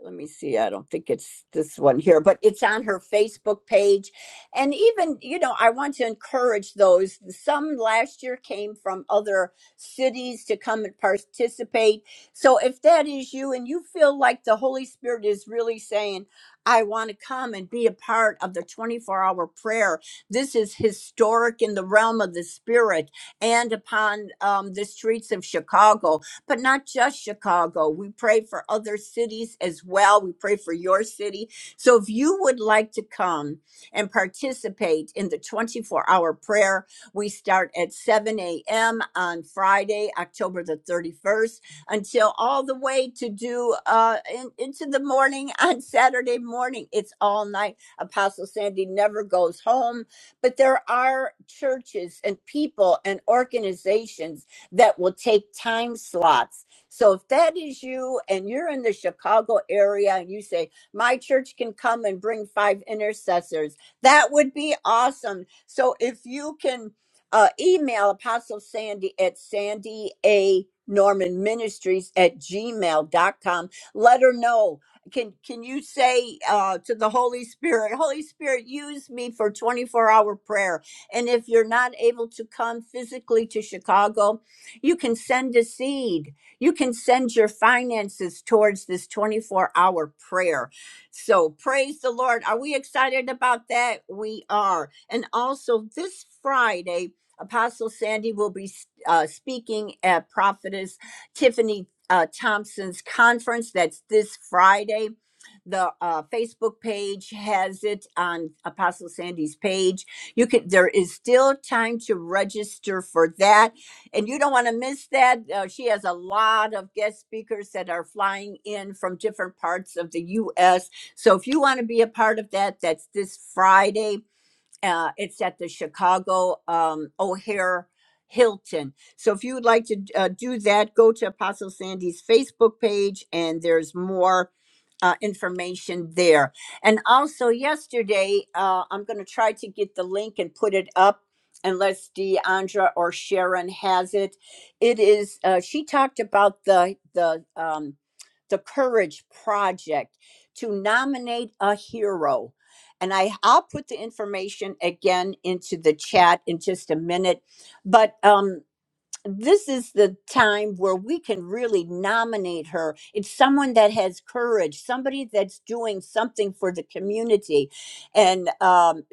B: Let me see. I don't think it's this one here, but it's on her Facebook page. And even, you know, I want to encourage those. Some last year came from other cities to come and participate. So if that is you and you feel like the Holy Spirit is really saying, I want to come and be a part of the 24 hour prayer. This is historic in the realm of the spirit and upon um, the streets of Chicago, but not just Chicago. We pray for other cities as well. We pray for your city. So if you would like to come and participate in the 24 hour prayer, we start at 7 a.m. on Friday, October the 31st, until all the way to do uh, in, into the morning on Saturday morning. It's all night. Apostle Sandy never goes home, but there are churches and people and organizations that will take time slots. So if that is you and you're in the Chicago area and you say, my church can come and bring five intercessors, that would be awesome. So if you can uh, email Apostle Sandy at Sandy A. Norman Ministries at gmail dot com. Let her know. Can can you say uh, to the Holy Spirit, Holy Spirit, use me for 24 hour prayer? And if you're not able to come physically to Chicago, you can send a seed. You can send your finances towards this 24 hour prayer. So praise the Lord. Are we excited about that? We are. And also this Friday, Apostle Sandy will be uh, speaking at Prophetess Tiffany uh, Thompson's conference. That's this Friday. The uh, Facebook page has it on Apostle Sandy's page. You can. There is still time to register for that, and you don't want to miss that. Uh, she has a lot of guest speakers that are flying in from different parts of the U.S. So if you want to be a part of that, that's this Friday uh, it's at the Chicago um, O'Hare Hilton. So if you would like to uh, do that, go to Apostle Sandy's Facebook page, and there's more uh, information there. And also, yesterday, uh, I'm going to try to get the link and put it up. Unless Deandra or Sharon has it, it is. Uh, she talked about the the um, the Courage Project to nominate a hero. And I, I'll put the information again into the chat in just a minute. But um, this is the time where we can really nominate her. It's someone that has courage, somebody that's doing something for the community. And um,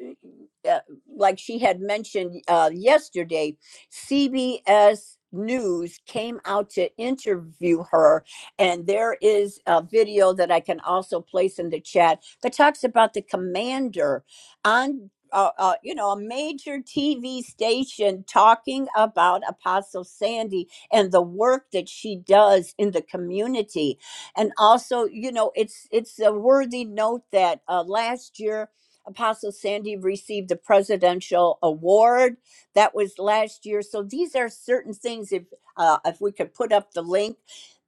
B: uh, like she had mentioned uh, yesterday, CBS News came out to interview her. And there is a video that I can also place in the chat that talks about the commander on uh, uh, you know, a major TV station talking about Apostle Sandy and the work that she does in the community, and also, you know, it's it's a worthy note that uh, last year Apostle Sandy received the presidential award. That was last year. So these are certain things. If uh, if we could put up the link.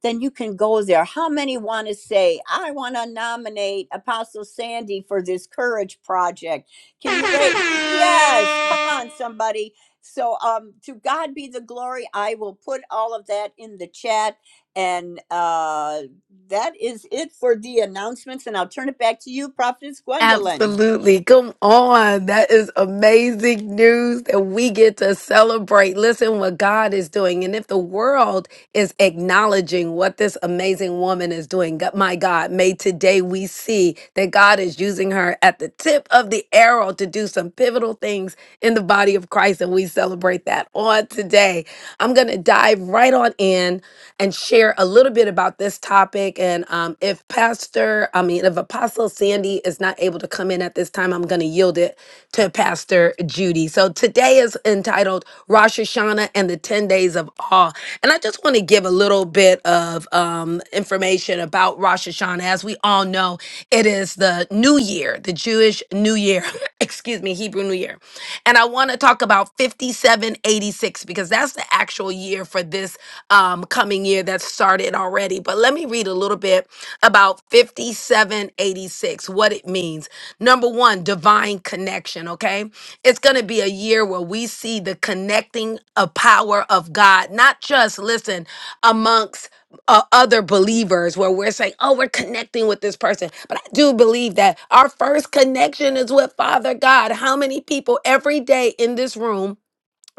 B: Then you can go there. How many want to say, I want to nominate Apostle Sandy for this courage project? Can you rate? Yes, come on, somebody. So, um, to God be the glory. I will put all of that in the chat, and uh, that is it for the announcements. And I'll turn it back to you, Prophetess Gwendolyn.
A: Absolutely. Come on. That is amazing news that we get to celebrate. Listen what God is doing. And if the world is acknowledging what this amazing woman is doing, God- my God, may today we see that God is using her at the tip of the arrow to do some pivotal things in the body of Christ. And we celebrate that on today. I'm going to dive right on in and share a little bit about this topic. And um, if Pastor, I mean, if Apostle Sandy is not able to come in at this time, I'm going to yield it to Pastor Judy. So today is entitled Rosh Hashanah and the 10 Days of Awe. And I just want to give a little bit of um, information about Rosh Hashanah. As we all know, it is the new year, the Jewish new year, excuse me, Hebrew new year. And I want to talk about 5786 because that's the actual year for this um, coming year that started already. But let me read a little bit about 5786, what it means. Number one, divine connection, okay? It's going to be a year where we see the connecting of power of God, not just, listen, amongst uh, other believers where we're saying, oh, we're connecting with this person. But I do believe that our first connection is with Father God. How many people every day in this room?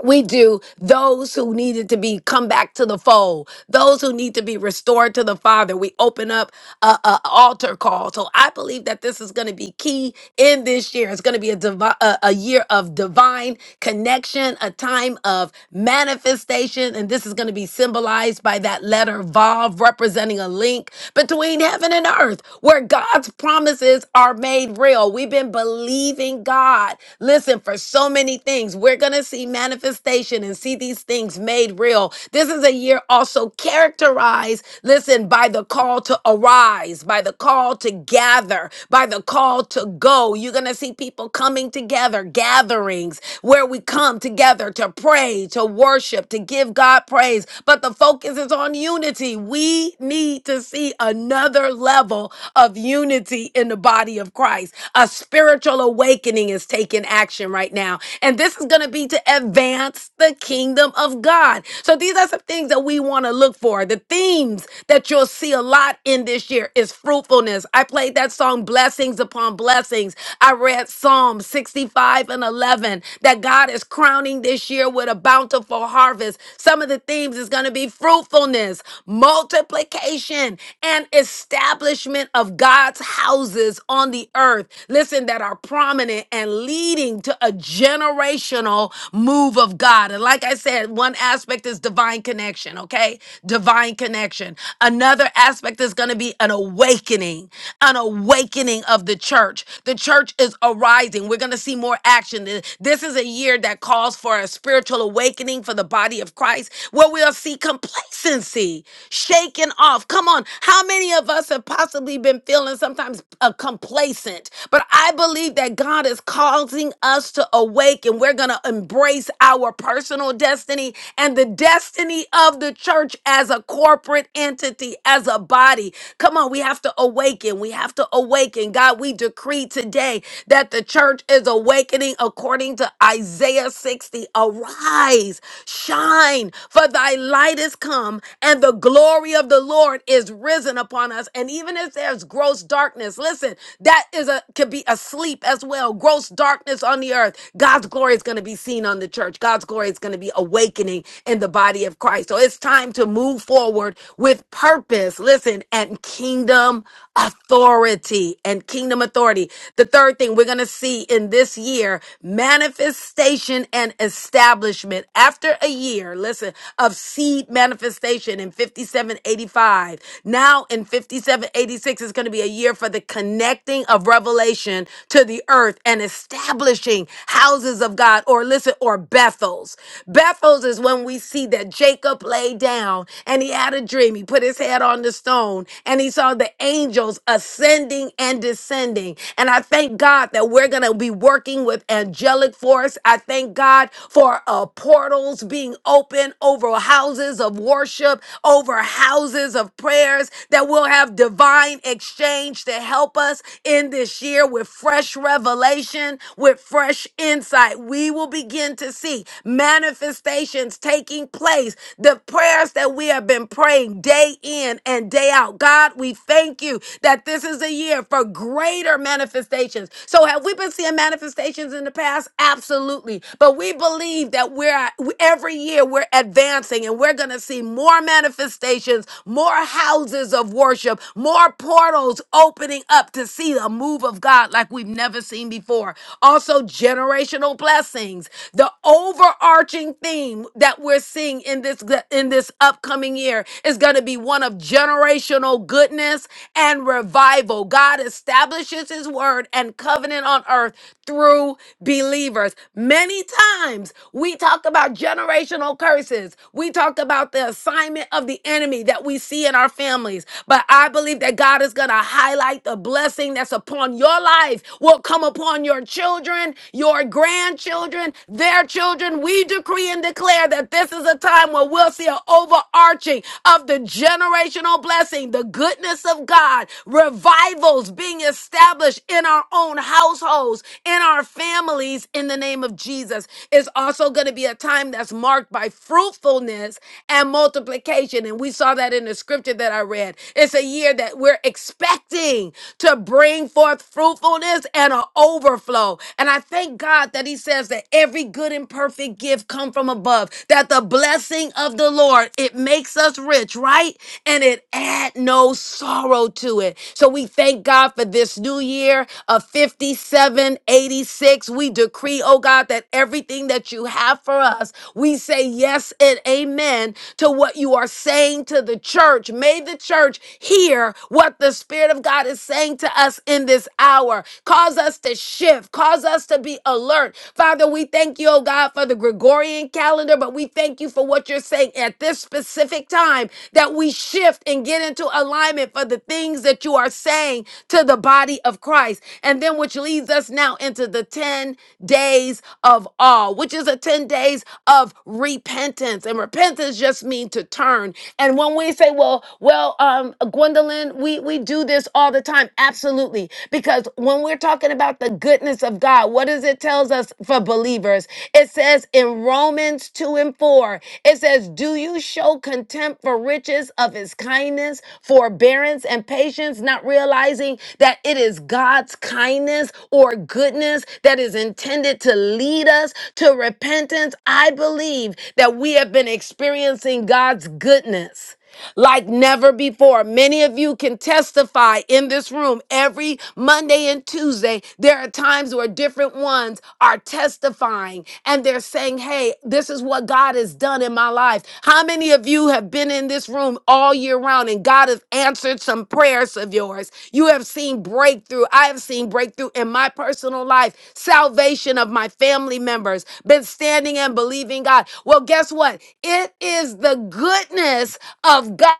A: we do those who needed to be come back to the fold those who need to be restored to the father we open up a, a altar call so i believe that this is going to be key in this year it's going to be a, divi- a a year of divine connection a time of manifestation and this is going to be symbolized by that letter vav representing a link between heaven and earth where god's promises are made real we've been believing god listen for so many things we're going to going to see manifestation and see these things made real. This is a year also characterized, listen, by the call to arise, by the call to gather, by the call to go. You're going to see people coming together, gatherings where we come together to pray, to worship, to give God praise. But the focus is on unity. We need to see another level of unity in the body of Christ. A spiritual awakening is taking action right now. and. And this is going to be to advance the kingdom of God. So these are some things that we want to look for. The themes that you'll see a lot in this year is fruitfulness. I played that song Blessings Upon Blessings. I read Psalm 65 and 11 that God is crowning this year with a bountiful harvest. Some of the themes is going to be fruitfulness, multiplication, and establishment of God's houses on the earth. Listen, that are prominent and leading to to a generational move of God. And like I said, one aspect is divine connection, okay? Divine connection. Another aspect is going to be an awakening, an awakening of the church. The church is arising. We're going to see more action. Th- This is a year that calls for a spiritual awakening for the body of Christ where we'll see complacency shaken off. Come on, how many of us have possibly been feeling sometimes uh, complacent? But I believe that God is calling causing us to awaken. We're going to embrace our personal destiny and the destiny of the church as a corporate entity, as a body. Come on, we have to awaken. We have to awaken. God, we decree today that the church is awakening according to Isaiah 60. Arise, shine, for thy light is come, and the glory of the Lord is risen upon us. And even if there's gross darkness, listen, that is a could be asleep as well as well. Gross darkness on the earth. God's glory is going to be seen on the church. God's glory is going to be awakening in the body of Christ. So it's time to move forward with purpose. Listen, and kingdom authority and kingdom authority. The third thing we're going to see in this year, manifestation and establishment. After a year, listen, of seed manifestation in 5785, now in 5786 is going to be a year for the connecting of revelation heaven to the earth and establishing houses of God or listen, or Bethels. Bethels is when we see that Jacob lay down and he had a dream. He put his head on the stone and he saw the angels ascending and descending. And I thank God that we're going to be working with angelic force. I thank God for uh, portals being open over houses of worship, over houses of prayers, that we'll have divine exchange to help us in this this year with fresh revelation, with fresh insight. We will begin to see manifestations taking place. The prayers that we have been praying day in and day out. God, we thank you that this is a year for greater manifestations. So, have we been seeing manifestations in the past? Absolutely. But we believe that we're every year we're advancing and we're going to see more manifestations, more houses of worship, more portals opening up to see a move of God like we've never seen before. Also, generational blessings. The overarching theme that we're seeing in this in this upcoming year is going to be one of generational goodness and revival. God establishes his word and covenant on earth through believers. Many times we talk about generational curses. We talk about the assignment of the enemy that we see in our families. But I believe that God is going to highlight highlight the blessing that's upon your life will come upon your children, your grandchildren, their children. We decree and declare that this is a time where we'll see an overarching of the generational blessing, the goodness of God, revivals being established in our own households, in our families, in the name of Jesus. It's also going to be a time that's marked by fruitfulness and multiplication. And we saw that in the scripture that I read. It's a year that we're we're expecting to bring forth fruitfulness and an overflow. And I thank God that He says that every good and perfect gift come from above, that the blessing of the Lord, it makes us rich, right? And it add no sorrow to it. So we thank God for this new year of 5786. We decree, oh God, that everything that you have for us, we say yes and amen to what you are saying to the church. May the church hear what the Spirit of God is saying to us in this hour. Cause us to shift, cause us to be alert. Father, we thank you, oh God, for the Gregorian calendar, but we thank you for what you're saying at this specific time that we shift and get into alignment for the things that you are saying to the body of Christ. And then, which leads us now into the 10 days of awe, which is a 10 days of repentance. And repentance just means to turn. And when we say, well, well, well, um, Gwendolyn, we, we do this all the time. Absolutely. Because when we're talking about the goodness of God, what does it tells us for believers? It says in Romans 2 and 4, it says, Do you show contempt for riches of his kindness, forbearance, and patience, not realizing that it is God's kindness or goodness that is intended to lead us to repentance? I believe that we have been experiencing God's goodness like never before. Many of you can testify in this room every Monday and Tuesday. There are times where different ones are testifying and they're saying, Hey, this is what God has done in my life. How many of you have been in this room all year round and God has answered some prayers of yours? You have seen breakthrough. I have seen breakthrough in my personal life, salvation of my family members, been standing and believing God. Well, guess what? It is the goodness of God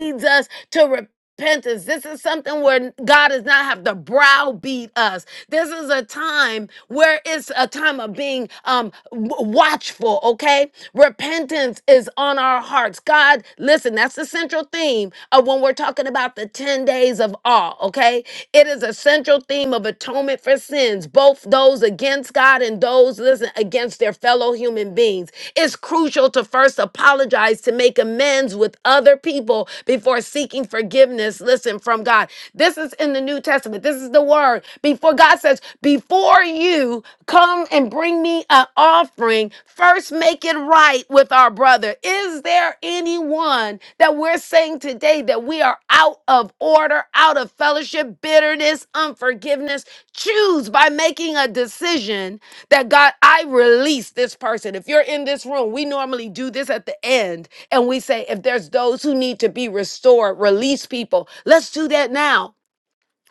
A: leads us to repentance. This is something where God does not have to browbeat us. This is a time where it's a time of being um, w- watchful, okay? Repentance is on our hearts. God, listen, that's the central theme of when we're talking about the 10 days of awe, okay? It is a central theme of atonement for sins, both those against God and those, listen, against their fellow human beings. It's crucial to first apologize to make amends with other people before seeking forgiveness, listen, from God. This is in the New Testament. This this is the word. Before God says, before you come and bring me an offering, first make it right with our brother. Is there anyone that we're saying today that we are out of order, out of fellowship, bitterness, unforgiveness? Choose by making a decision that God, I release this person. If you're in this room, we normally do this at the end and we say, if there's those who need to be restored, release people. Let's do that now.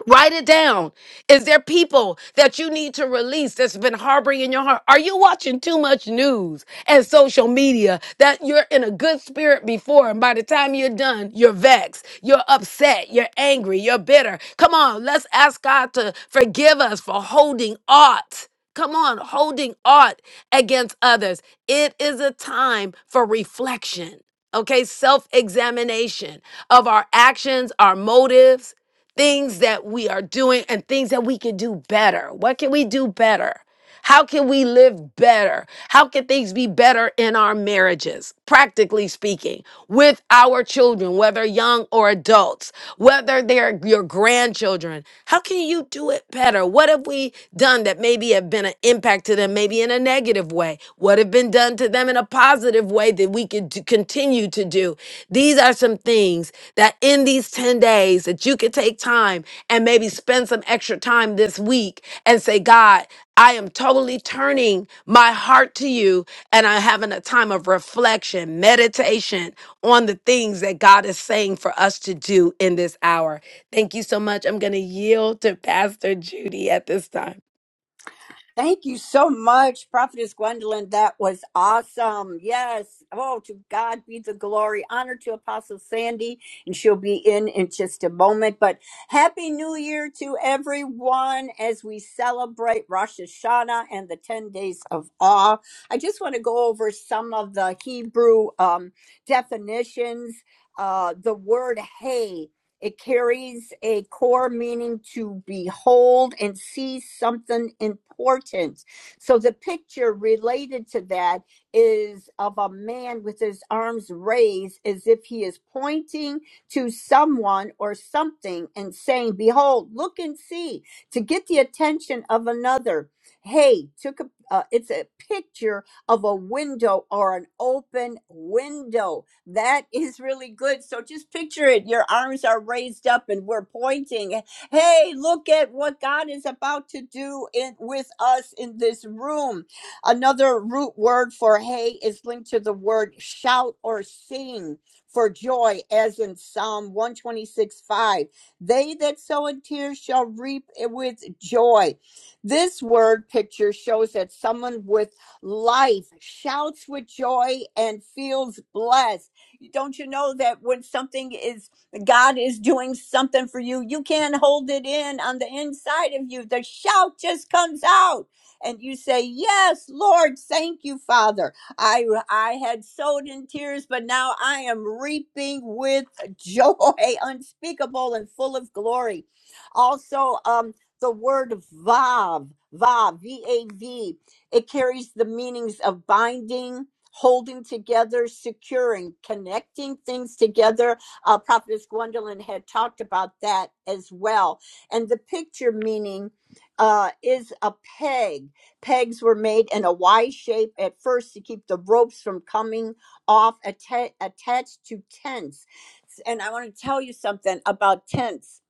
A: Write it down. Is there people that you need to release that's been harboring in your heart? Are you watching too much news and social media that you're in a good spirit before and by the time you're done, you're vexed, you're upset, you're angry, you're bitter? Come on, let's ask God to forgive us for holding aught. Come on, holding aught against others. It is a time for reflection, okay? Self examination of our actions, our motives things that we are doing and things that we can do better. What can we do better? How can we live better? How can things be better in our marriages, practically speaking, with our children, whether young or adults, whether they're your grandchildren? How can you do it better? What have we done that maybe have been an impact to them, maybe in a negative way? What have been done to them in a positive way that we could do- continue to do? These are some things that in these 10 days that you could take time and maybe spend some extra time this week and say, God, I am totally turning my heart to you and I'm having a time of reflection, meditation on the things that God is saying for us to do in this hour. Thank you so much. I'm going to yield to Pastor Judy at this time.
B: Thank you so much, Prophetess Gwendolyn. That was awesome. Yes. Oh, to God be the glory. Honor to Apostle Sandy, and she'll be in in just a moment. But Happy New Year to everyone as we celebrate Rosh Hashanah and the 10 days of awe. I just want to go over some of the Hebrew um, definitions. Uh, the word hey it carries a core meaning to behold and see something important. So the picture related to that is of a man with his arms raised as if he is pointing to someone or something and saying, Behold, look and see, to get the attention of another. Hey, took a, uh, it's a picture of a window or an open window. That is really good. So just picture it. Your arms are raised up and we're pointing. Hey, look at what God is about to do in, with us in this room. Another root word for hey is linked to the word shout or sing for joy, as in Psalm 126 5. They that sow in tears shall reap eh, with joy. This word picture shows that someone with life, shouts with joy and feels blessed. Don't you know that when something is, God is doing something for you, you can't hold it in on the inside of you. The shout just comes out. And you say, Yes, Lord, thank you, Father. I I had sowed in tears, but now I am reaping with joy unspeakable and full of glory. Also, um, the word Vav, Vav, V-A-V. It carries the meanings of binding, holding together, securing, connecting things together. Uh, Prophetess Gwendolyn had talked about that as well. And the picture meaning uh, is a peg. Pegs were made in a Y shape at first to keep the ropes from coming off atta- attached to tents. And I want to tell you something about tents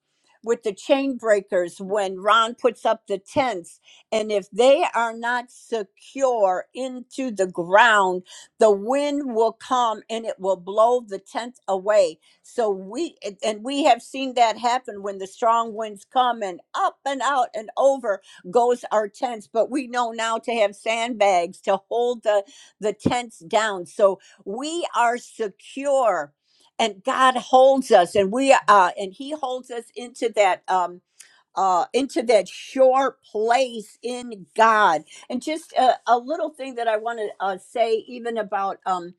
B: with the chain breakers when Ron puts up the tents. And if they are not secure into the ground, the wind will come and it will blow the tent away. So we, and and we have seen that happen when the strong winds come and up and out and over goes our tents. But we know now to have sandbags to hold the, the tents down. So we are secure and God holds us and we, uh, and he holds us into that, um uh, into that sure place in God. And just a, a little thing that I want to uh, say, even about. Um,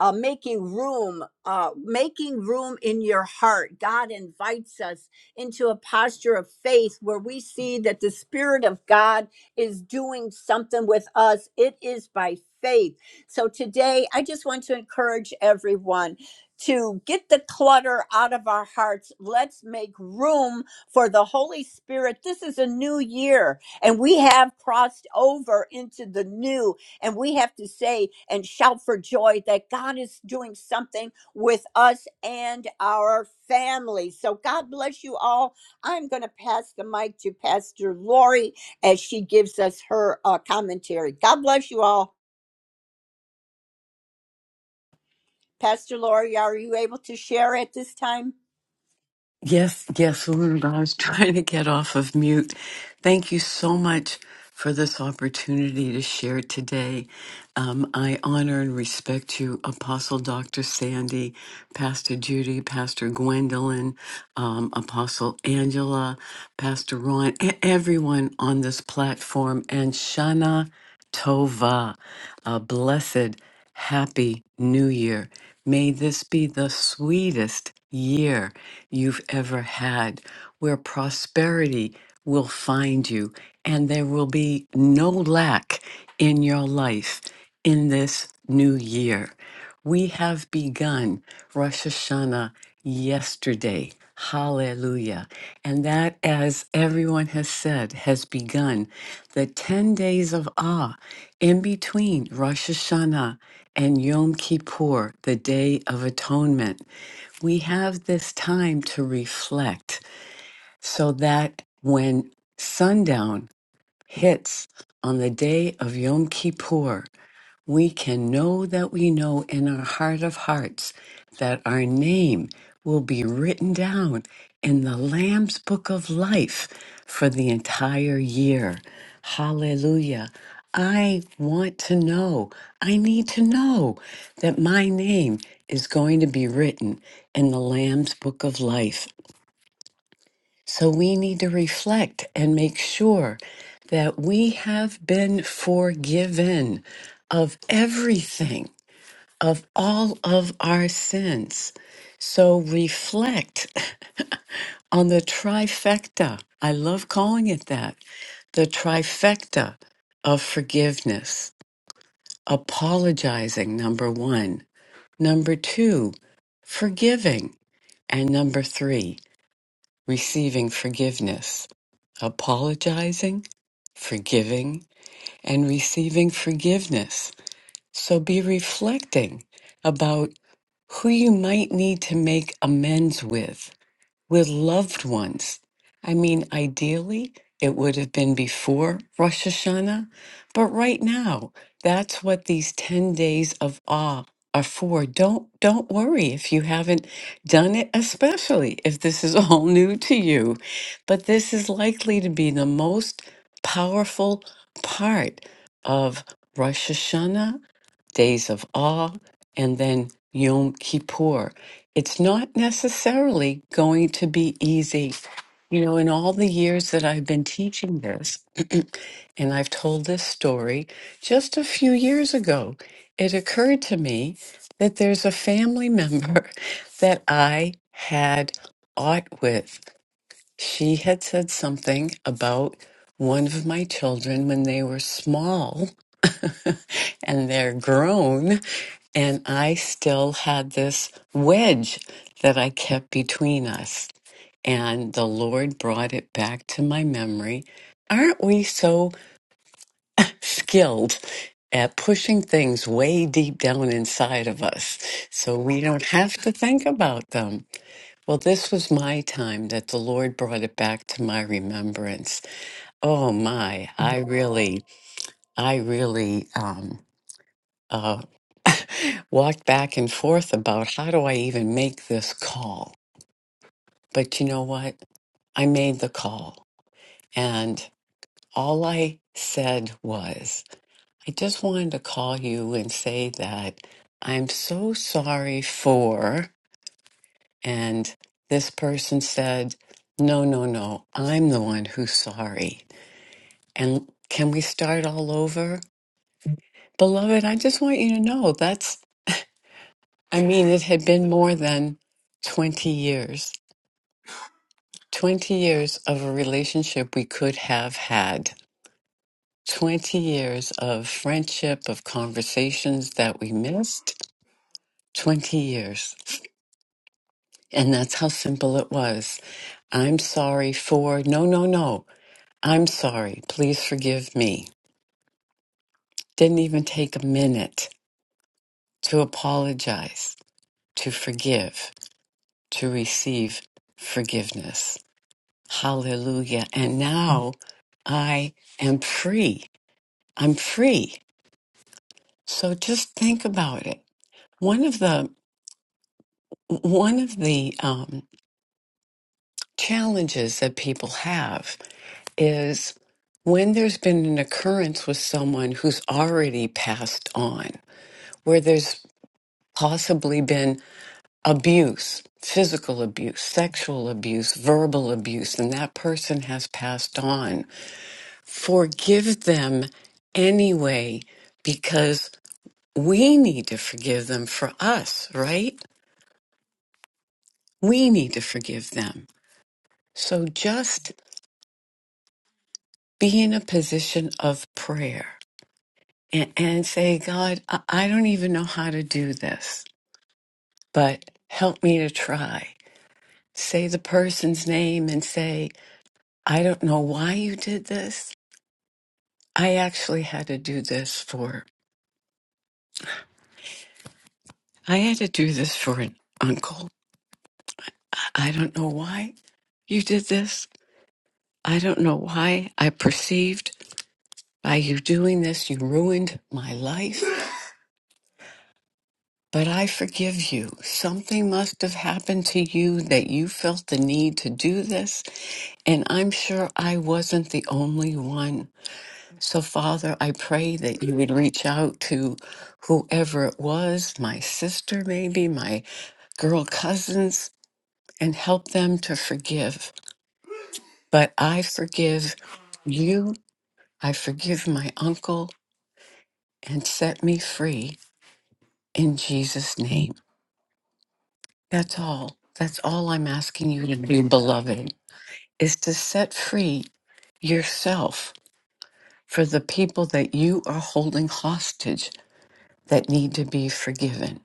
B: uh, making room, uh, making room in your heart. God invites us into a posture of faith where we see that the Spirit of God is doing something with us. It is by faith. So today, I just want to encourage everyone to get the clutter out of our hearts. Let's make room for the Holy Spirit. This is a new year, and we have crossed over into the new. And we have to say and shout for joy that God is doing something with us and our families. So God bless you all. I'm going to pass the mic to Pastor Lori as she gives us her uh, commentary. God bless you all. Pastor Lori, are you able to share at this time?
K: Yes, yes, Linda, I was trying to get off of mute. Thank you so much for this opportunity to share today. Um, I honor and respect you, Apostle Dr. Sandy, Pastor Judy, Pastor Gwendolyn, um, Apostle Angela, Pastor Ron, e- everyone on this platform, and Shana Tova, uh, blessed. Happy New Year. May this be the sweetest year you've ever had, where prosperity will find you and there will be no lack in your life in this new year. We have begun Rosh Hashanah yesterday. Hallelujah. And that, as everyone has said, has begun the 10 days of awe in between Rosh Hashanah and Yom Kippur, the Day of Atonement. We have this time to reflect so that when sundown hits on the day of Yom Kippur, we can know that we know in our heart of hearts that our name will be written down in the Lamb's book of life for the entire year. Hallelujah. I want to know, I need to know that my name is going to be written in the Lamb's book of life. So we need to reflect and make sure that we have been forgiven of everything of all of our sins. So reflect on the trifecta. I love calling it that the trifecta of forgiveness. Apologizing, number one. Number two, forgiving. And number three, receiving forgiveness. Apologizing, forgiving, and receiving forgiveness. So be reflecting about who you might need to make amends with, with loved ones. I mean, ideally, it would have been before Rosh Hashanah, but right now, that's what these 10 days of awe are for. Don't don't worry if you haven't done it, especially if this is all new to you. But this is likely to be the most powerful part of Rosh Hashanah days of awe, and then Yom Kippur. It's not necessarily going to be easy. You know, in all the years that I've been teaching this, and I've told this story just a few years ago, it occurred to me that there's a family member that I had aught with. She had said something about one of my children when they were small and they're grown and I still had this wedge that I kept between us. And the Lord brought it back to my memory. Aren't we so skilled at pushing things way deep down inside of us so we don't have to think about them? Well, this was my time that the Lord brought it back to my remembrance. Oh my, I really, I really um, uh, walked back and forth about how do I even make this call? But you know what? I made the call. And all I said was, I just wanted to call you and say that I'm so sorry for. And this person said, No, no, no. I'm the one who's sorry. And can we start all over? Beloved, I just want you to know that's, I mean, it had been more than 20 years 20 years of a relationship we could have had, 20 years of friendship, of conversations that we missed. 20 years. And that's how simple it was. I'm sorry for, no, no, no. I'm sorry. Please forgive me. Didn't even take a minute to apologize, to forgive, to receive forgiveness. Hallelujah. And now I am free. I'm free. So just think about it. One of the one of the um, challenges that people have is when there's been an occurrence with someone who's already passed on, where there's possibly been abuse, physical abuse, sexual abuse, verbal abuse, and that person has passed on. Forgive them anyway because we need to forgive them for us, right? We need to forgive them. So just be in a position of prayer and, and say, God, I, I don't even know how to do this, but help me to try. Say the person's name and say, I don't know why you did this. I actually had to do this for, I had to do this for an uncle. I I don't know why you did this. I don't know why I perceived by you doing this, you ruined my life. But I forgive you. Something must have happened to you that you felt the need to do this. And I'm sure I wasn't the only one. So, Father, I pray that you would reach out to whoever it was, my sister, maybe, my girl cousins, and help them to forgive. But I forgive you. I forgive my uncle and set me free in Jesus' name. That's all. That's all I'm asking you to do, beloved. is to set free yourself for the people that you are holding hostage that need to be forgiven.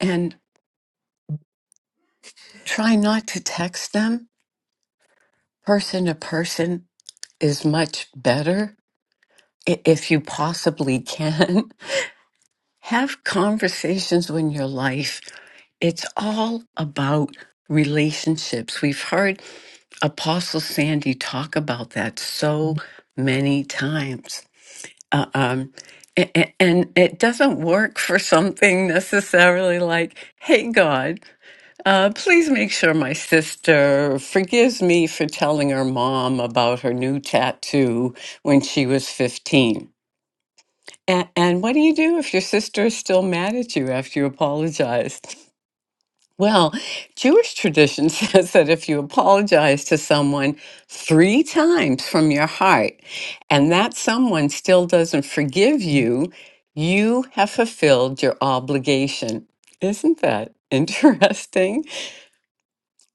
K: And try not to text them. Person to person is much better i- if you possibly can. Have conversations in your life. It's all about relationships. We've heard Apostle Sandy talk about that so many times uh, um, a- a- and it doesn't work for something necessarily like, hey, God, uh, please make sure my sister forgives me for telling her mom about her new tattoo when she was 15. And, and what do you do if your sister is still mad at you after you apologize? Well, Jewish tradition says that if you apologize to someone three times from your heart and that someone still doesn't forgive you, you have fulfilled your obligation. Isn't that interesting?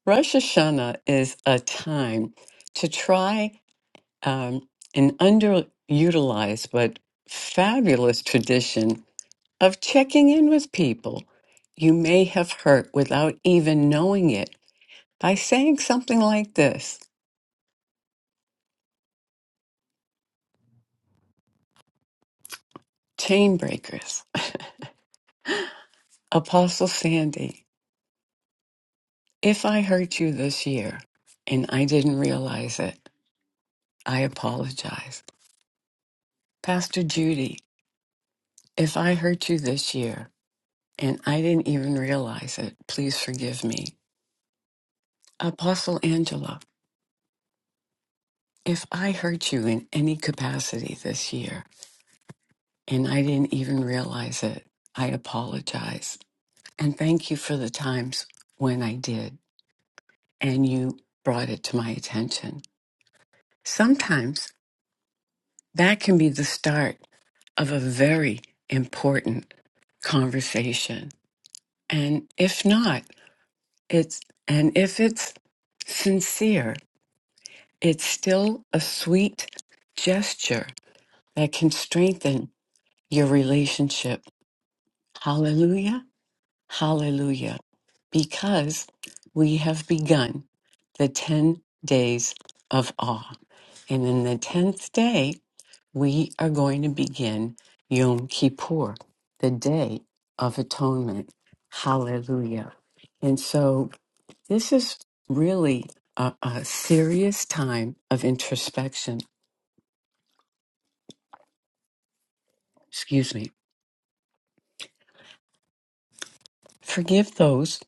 K: Rosh Hashanah is a time to try um, an underutilized but fabulous tradition of checking in with people you may have hurt without even knowing it by saying something like this Chainbreakers, Apostle Sandy, if I hurt you this year and I didn't realize it, I apologize. Pastor Judy, if I hurt you this year and I didn't even realize it, please forgive me. Apostle Angela, if I hurt you in any capacity this year and I didn't even realize it, I apologize. And thank you for the times when I did. and you brought it to my attention. Sometimes that can be the start of a very important conversation. And if not, it's, and if it's sincere, it's still a sweet gesture that can strengthen your relationship. Hallelujah. Hallelujah. Because we have begun the 10 days of awe. And in the 10th day, we are going to begin Yom Kippur, the Day of Atonement. Hallelujah. And so this is really a, a serious time of introspection. Excuse me. Forgive those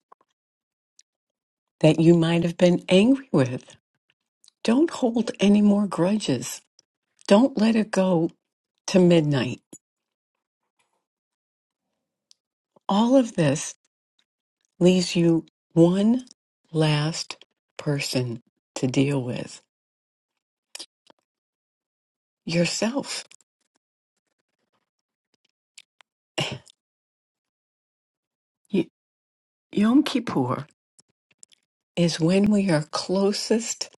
K: that you might have been angry with. Don't hold any more grudges. Don't let it go to midnight. All of this leaves you one last person to deal with yourself. Y- Yom Kippur is when we are closest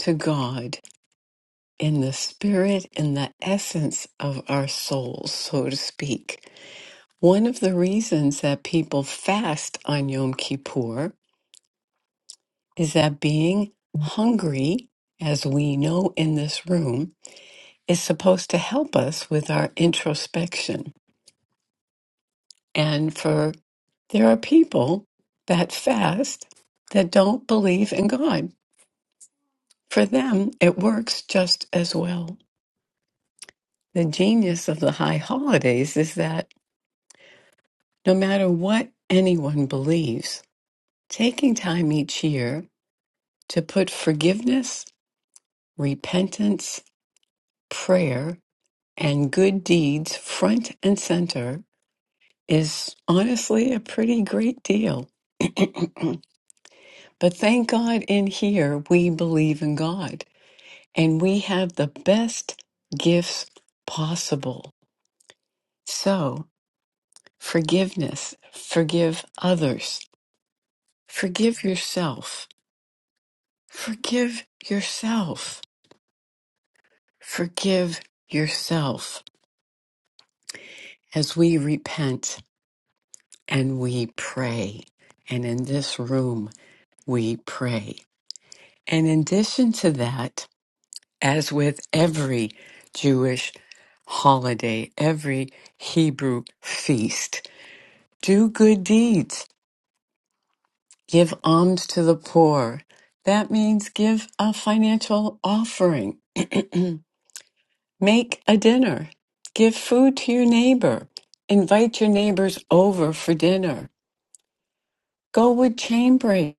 K: to God in the spirit and the essence of our souls, so to speak. One of the reasons that people fast on Yom Kippur is that being hungry, as we know in this room, is supposed to help us with our introspection. And for there are people that fast that don't believe in God For them, it works just as well. The genius of the high holidays is that no matter what anyone believes, taking time each year to put forgiveness, repentance, prayer, and good deeds front and center is honestly a pretty great deal. But thank God in here we believe in God and we have the best gifts possible. So, Forgiveness. Forgive others. Forgive yourself. Forgive yourself. Forgive yourself as we repent and we pray. And in this room, we pray. And in addition to that, as with every Jewish holiday, every Hebrew feast, do good deeds Give alms to the poor. That means give a financial offering. Make a dinner. Give food to your neighbor. Invite your neighbors over for dinner. Go with chain break.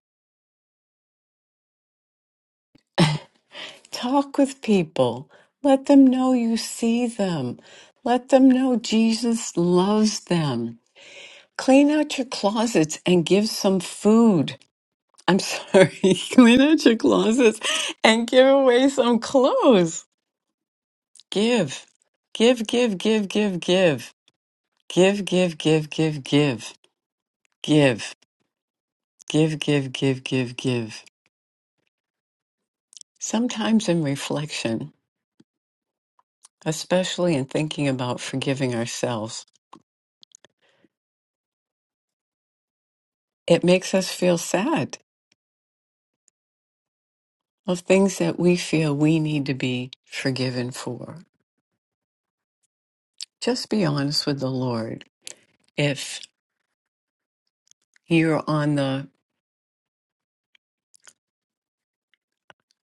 K: Talk with people. Let them know you see them. Let them know Jesus loves them. Clean out your closets and give some food. I'm sorry, clean out your closets and give away some clothes. Give. Give, give, give, give, give. Give, give, give, give, give. Give. Give, give, give, give, give. Sometimes in reflection, especially in thinking about forgiving ourselves, it makes us feel sad of things that we feel we need to be forgiven for. Just be honest with the Lord. If you're on the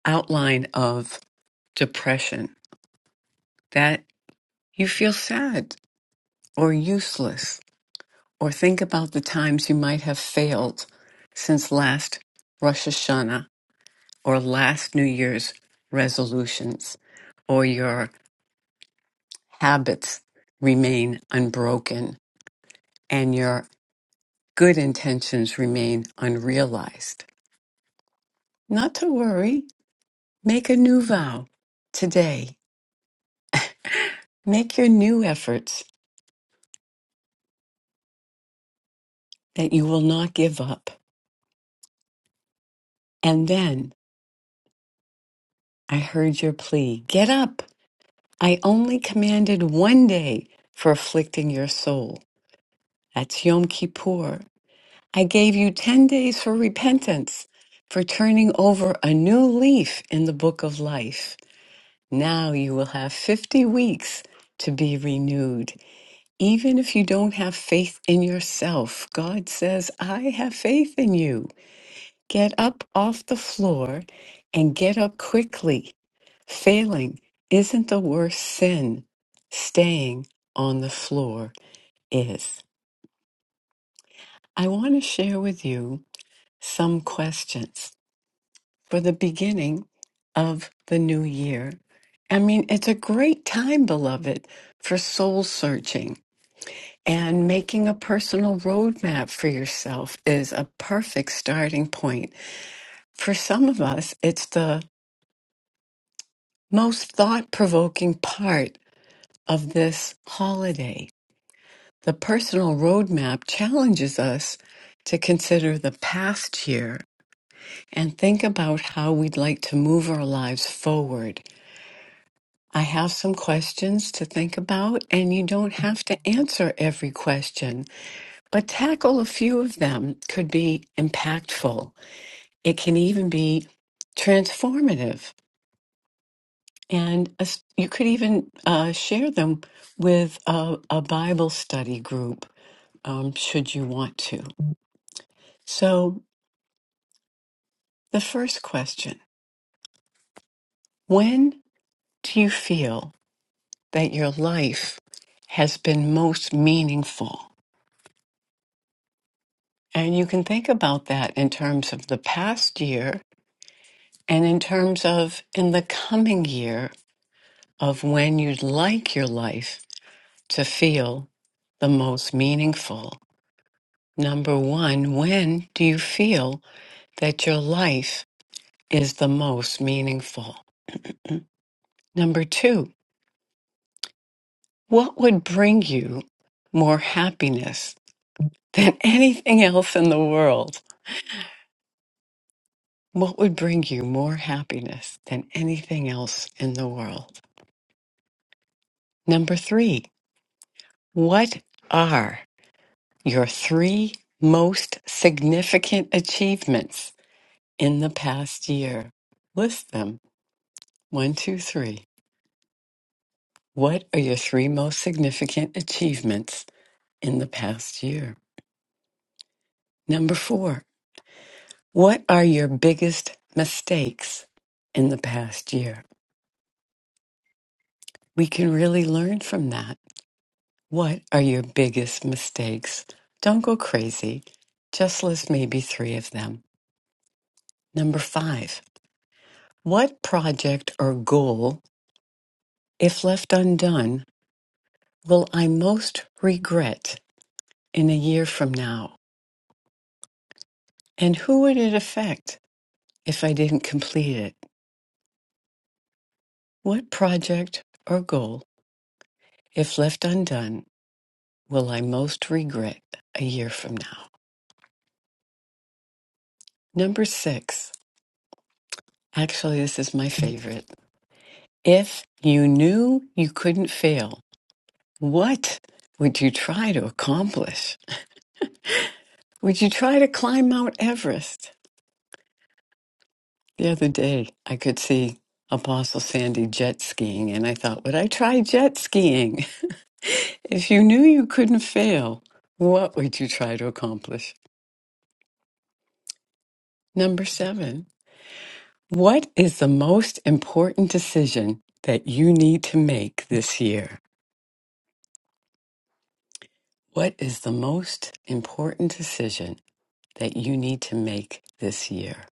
K: outline of depression, that you feel sad or useless Or think about the times you might have failed since last Rosh Hashanah or last New Year's resolutions, or your habits remain unbroken and your good intentions remain unrealized. Not to worry, make a new vow today. Make your new efforts that you will not give up. And then I heard your plea get up. I only commanded one day for afflicting your soul. That's Yom Kippur. I gave you 10 days for repentance, for turning over a new leaf in the book of life. Now you will have 50 weeks to be renewed. Even if you don't have faith in yourself, God says, I have faith in you. Get up off the floor and get up quickly. Failing isn't the worst sin. Staying on the floor is. I want to share with you some questions for the beginning of the new year. I mean, it's a great time, beloved, for soul searching and making a personal roadmap for yourself is a perfect starting point. For some of us, it's the most thought provoking part of this holiday The personal roadmap challenges us to consider the past year and think about how we'd like to move our lives forward. I have some questions to think about, and you don't have to answer every question, but tackle a few of them could be impactful. It can even be transformative. And as- you could even uh, share them with a, a Bible study group um, should you want to. So. The first question When do you feel that your life has been most meaningful? And you can think about that in terms of the past year and in terms of in the coming year of when you'd like your life to feel the most meaningful. Number one, when do you feel that your life is the most meaningful? Number two, what would bring you more happiness than anything else in the world. What would bring you more happiness than anything else in the world? Number three, what are your three most significant achievements in the past year? List them. One, two, three. What are your three most significant achievements in the past year? Number four, what are your biggest mistakes in the past year? We can really learn from that. What are your biggest mistakes? Don't go crazy. Just list maybe three of them. Number five, what project or goal, if left undone, will I most regret in a year from now? And who would it affect if I didn't complete it? What project or goal, if left undone, will I most regret a year from now? Number six, actually, this is my favorite. If you knew you couldn't fail, what would you try to accomplish? Would you try to climb Mount Everest? The other day, I could see Apostle Sandy jet skiing, and I thought, would I try jet skiing? If you knew you couldn't fail, what would you try to accomplish? Number seven, what is the most important decision that you need to make this year? What is the most important decision that you need to make this year?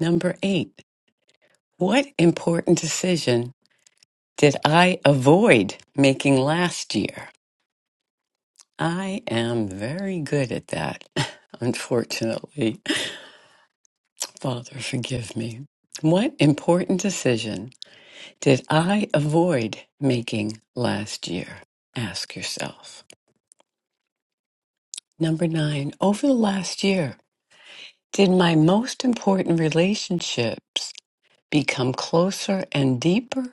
K: Number eight, what important decision did I avoid making last year? I am very good at that, unfortunately. Father, forgive me. What important decision did I avoid making last year? Ask yourself. Number nine, over the last year, did my most important relationships become closer and deeper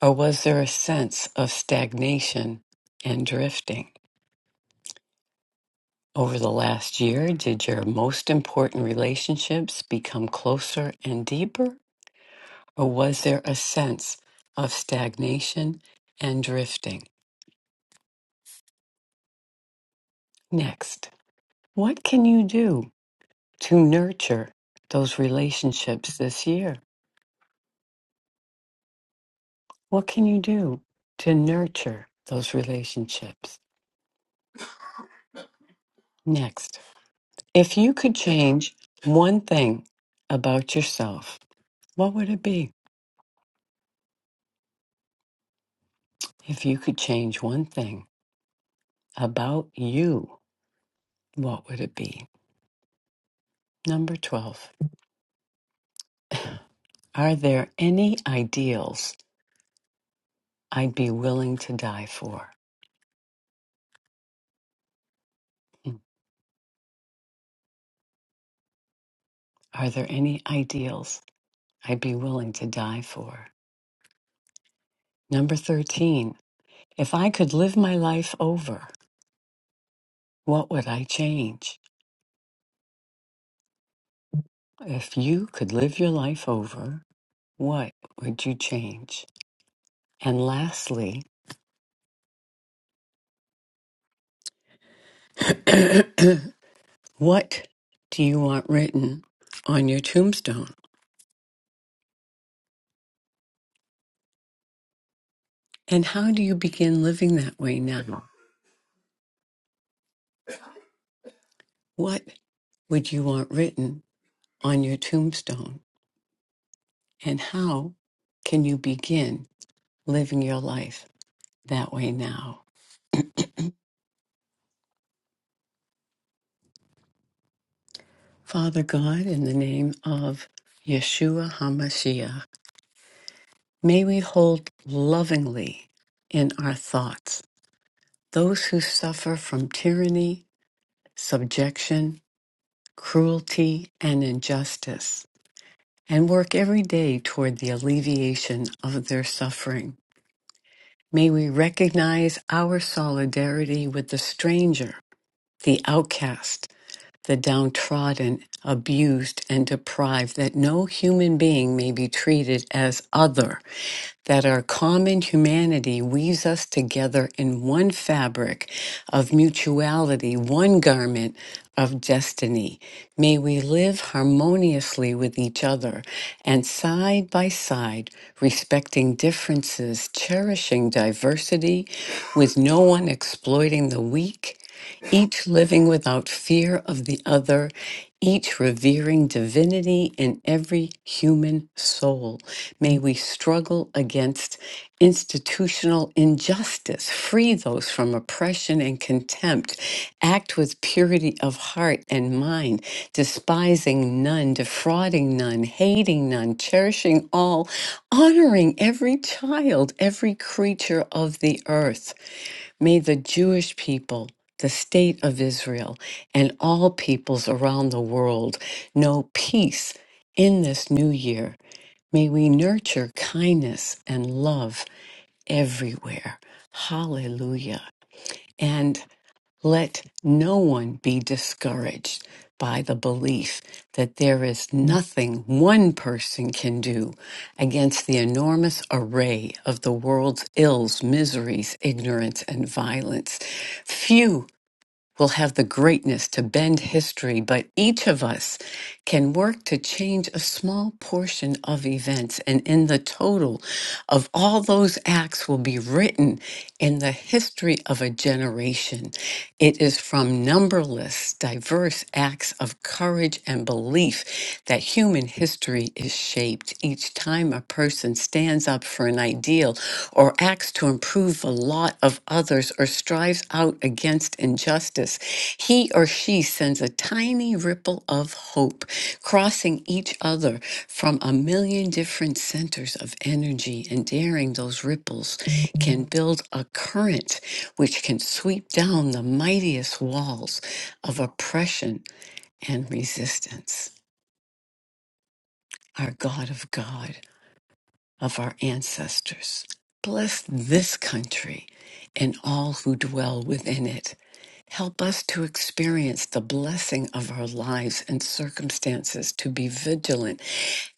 K: Or was there a sense of stagnation and drifting? Over the last year, did your most important relationships become closer and deeper? Or was there a sense of stagnation and drifting? Next, what can you do to nurture those relationships this year? What can you do to nurture those relationships? Next, if you could change one thing about yourself, What would it be? If you could change one thing about you, what would it be? Number 12. Are there any ideals I'd be willing to die for? Hmm. Are there any ideals I'd be willing to die for? Number 13. If I could live my life over, what would I change? If you could live your life over, what would you change? And lastly, What do you want written on your tombstone? And how do you begin living that way now? What would you want written on your tombstone? And how can you begin living your life that way now? Father God, in the name of Yeshua HaMashiach, may we hold lovingly in our thoughts those who suffer from tyranny, subjection, cruelty, and injustice and work every day toward the alleviation of their suffering. May we recognize our solidarity with the stranger, the outcast, the downtrodden, abused, and deprived, that no human being may be treated as other that our common humanity weaves us together in one fabric of mutuality, one garment of destiny. May we live harmoniously with each other and side by side, respecting differences, cherishing diversity, with no one exploiting the weak each living without fear of the other, each revering divinity in every human soul. May we struggle against institutional injustice, free those from oppression and contempt, act with purity of heart and mind, despising none, defrauding none, hating none, cherishing all, honoring every child, every creature of the earth. May the Jewish people, the state of Israel, and all peoples around the world know peace in this new year. May we nurture kindness and love everywhere. Hallelujah. And let no one be discouraged by the belief that there is nothing one person can do against the enormous array of the world's ills, miseries, ignorance, and violence. Few will have the greatness to bend history, but each of us can work to change a small portion of events. And in the total of all those acts will be written in the history of a generation. It is from numberless, diverse acts of courage and belief that human history is shaped. Each time a person stands up for an ideal, or acts to improve the lot of others or strives out against injustice, he or she sends a tiny ripple of hope, crossing each other from a million different centers of energy and daring those ripples can build a current which can sweep down the mightiest walls of oppression and resistance. Our God of God of our ancestors. Bless this country and all who dwell within it. Help us to experience the blessing of our lives and circumstances, to be vigilant,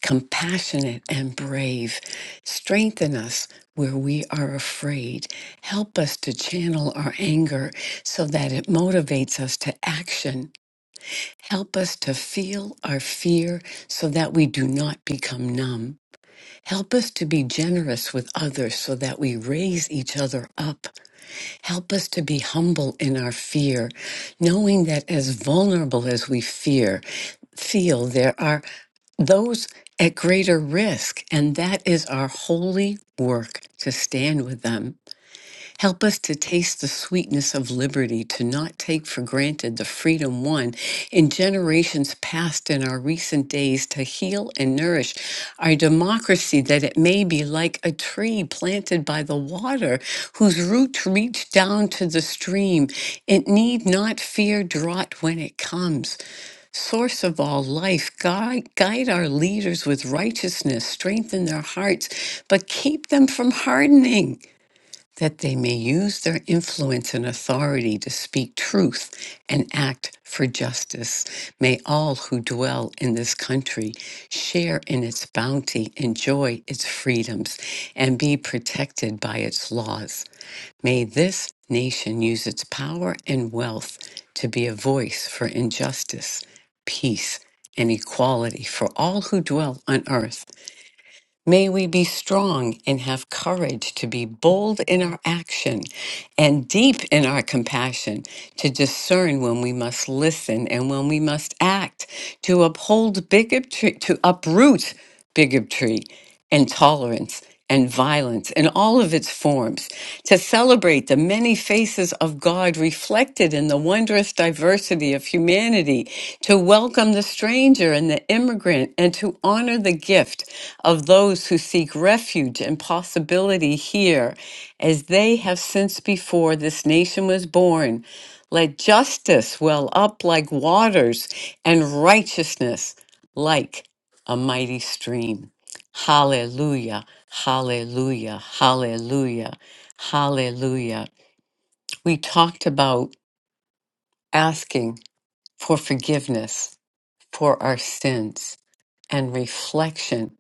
K: compassionate, and brave. Strengthen us where we are afraid. Help us to channel our anger so that it motivates us to action. Help us to feel our fear so that we do not become numb. Help us to be generous with others so that we raise each other up. Help us to be humble in our fear, knowing that as vulnerable as we fear, feel there are those at greater risk, and that is our holy work to stand with them. Help us to taste the sweetness of liberty, to not take for granted the freedom won in generations past and our recent days, to heal and nourish our democracy that it may be like a tree planted by the water, whose roots reach down to the stream. It need not fear drought when it comes. Source of all life, guide, guide our leaders with righteousness, strengthen their hearts, but keep them from hardening that they may use their influence and authority to speak truth and act for justice. May all who dwell in this country share in its bounty, enjoy its freedoms, and be protected by its laws. May this nation use its power and wealth to be a voice for injustice, peace, and equality for all who dwell on earth. May we be strong and have courage to be bold in our action and deep in our compassion, to discern when we must listen and when we must act, to uphold bigotry, to uproot bigotry and tolerance, and violence in all of its forms, to celebrate the many faces of God reflected in the wondrous diversity of humanity, to welcome the stranger and the immigrant, and to honor the gift of those who seek refuge and possibility here, as they have since before this nation was born. Let justice well up like waters and righteousness like a mighty stream. Hallelujah. Hallelujah. Hallelujah. Hallelujah. We talked about asking for forgiveness for our sins and reflection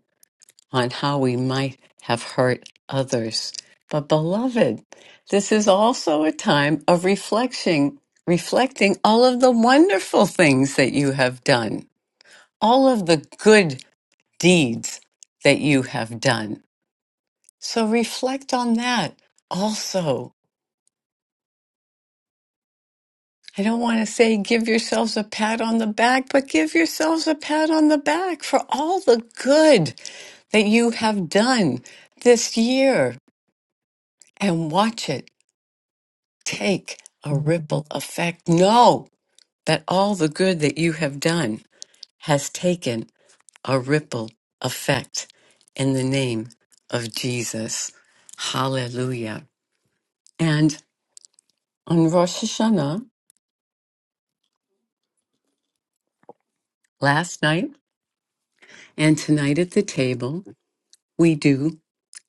K: on how we might have hurt others. But beloved, this is also a time of reflection, reflecting all of the wonderful things that you have done, all of the good deeds that you have done. So reflect on that also. I don't want to say give yourselves a pat on the back, but give yourselves a pat on the back for all the good that you have done this year and watch it take a ripple effect. Know that all the good that you have done has taken a ripple effect in the name of Jesus. Hallelujah. And on Rosh Hashanah, last night and tonight at the table, we do.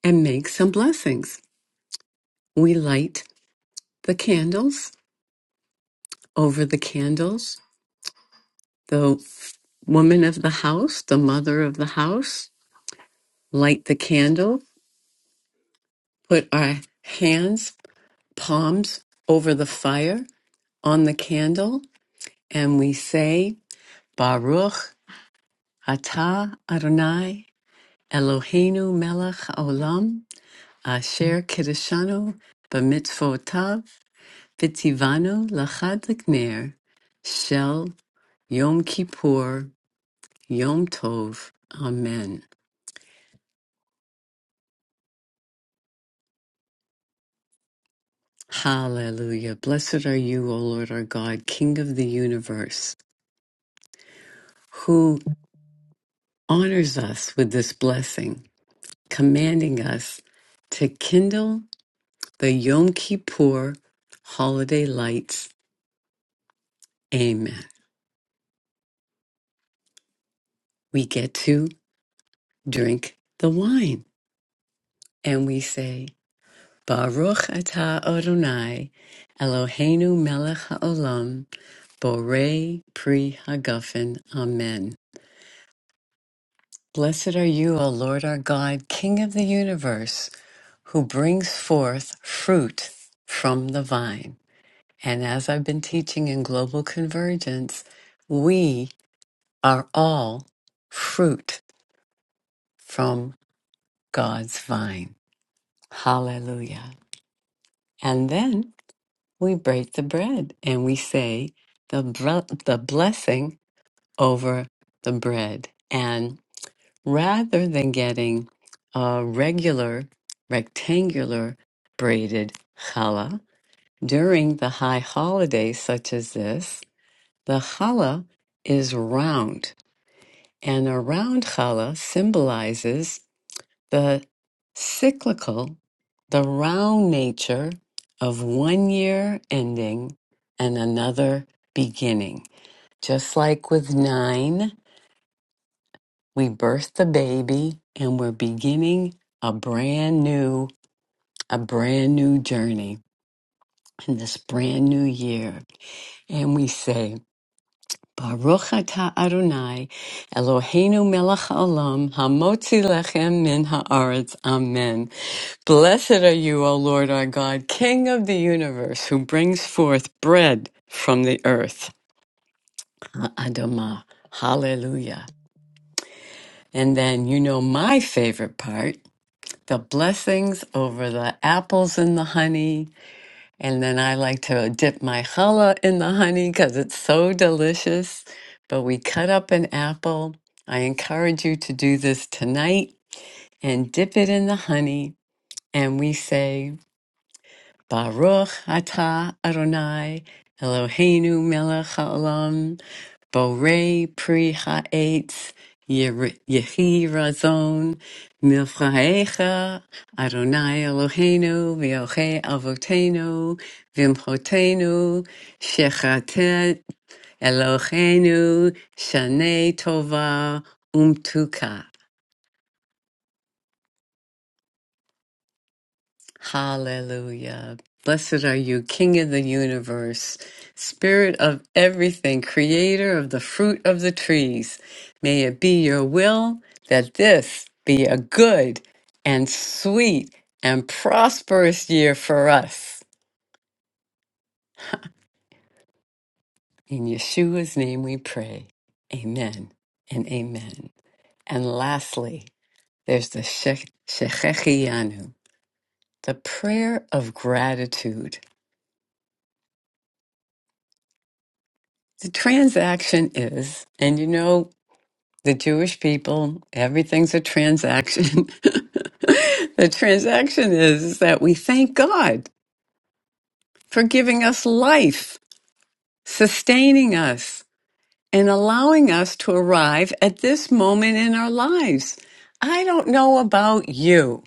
K: and make some blessings. We light the candles over the candles. The woman of the house, the mother of the house, light the candle, put our hands, palms over the fire on the candle, and we say, Baruch atah Adonai Eloheinu melech haolam asher kiddushanu b'mitzvotav v'tivanu l'chad l'kner shel Yom Kippur, Yom Tov. Amen. Hallelujah. Blessed are you, O Lord our God, King of the universe, who honors us with this blessing, commanding us to kindle the Yom Kippur holiday lights. Amen. We get to drink the wine and we say, Baruch atah Adonai, Eloheinu melech haolam, Bore Pri Hagafen. Amen. Blessed are you, O Lord our God, King of the universe, who brings forth fruit from the vine. And as I've been teaching in Global Convergence, we are all fruit from God's vine. Hallelujah. And then we break the bread and we say the, bre- the blessing over the bread. rather than getting a regular rectangular braided challah during the high holidays such as this, the challah is round, and a round challah symbolizes the cyclical, the round nature of one year ending and another beginning. Just like with nine We birthed the baby and we're beginning a brand new, a brand new journey in this brand new year. And we say, Baruch atah Adonai, Eloheinu melech haolam, hamotzi lechem min haaretz. Amen. Blessed are you, O Lord our God, King of the universe, who brings forth bread from the earth. Ha'adamah. Hallelujah. And then you know my favorite part. the blessings over the apples and the honey. And then I like to dip my challah in the honey because it's so delicious. But we cut up an apple. I encourage you to do this tonight and dip it in the honey. And we say, Baruch atah Adonai Eloheinu melech haolam Borei pri ha'etz yehi razon milchaecha Adonai Eloheinu v'yochei avoteinu v'imchotenu shechatet Eloheinu shanei tova umtuka. Hallelujah. Blessed are you, King of the universe, Spirit of everything, Creator of the fruit of the trees. May it be your will that this be a good and sweet and prosperous year for us. In Yeshua's name we pray. Amen and amen. And lastly, there's the Shechechianu, the prayer of gratitude. The transaction is, and you know, the Jewish people, everything's a transaction. the transaction is that we thank God for giving us life, sustaining us, and allowing us to arrive at this moment in our lives. I don't know about you,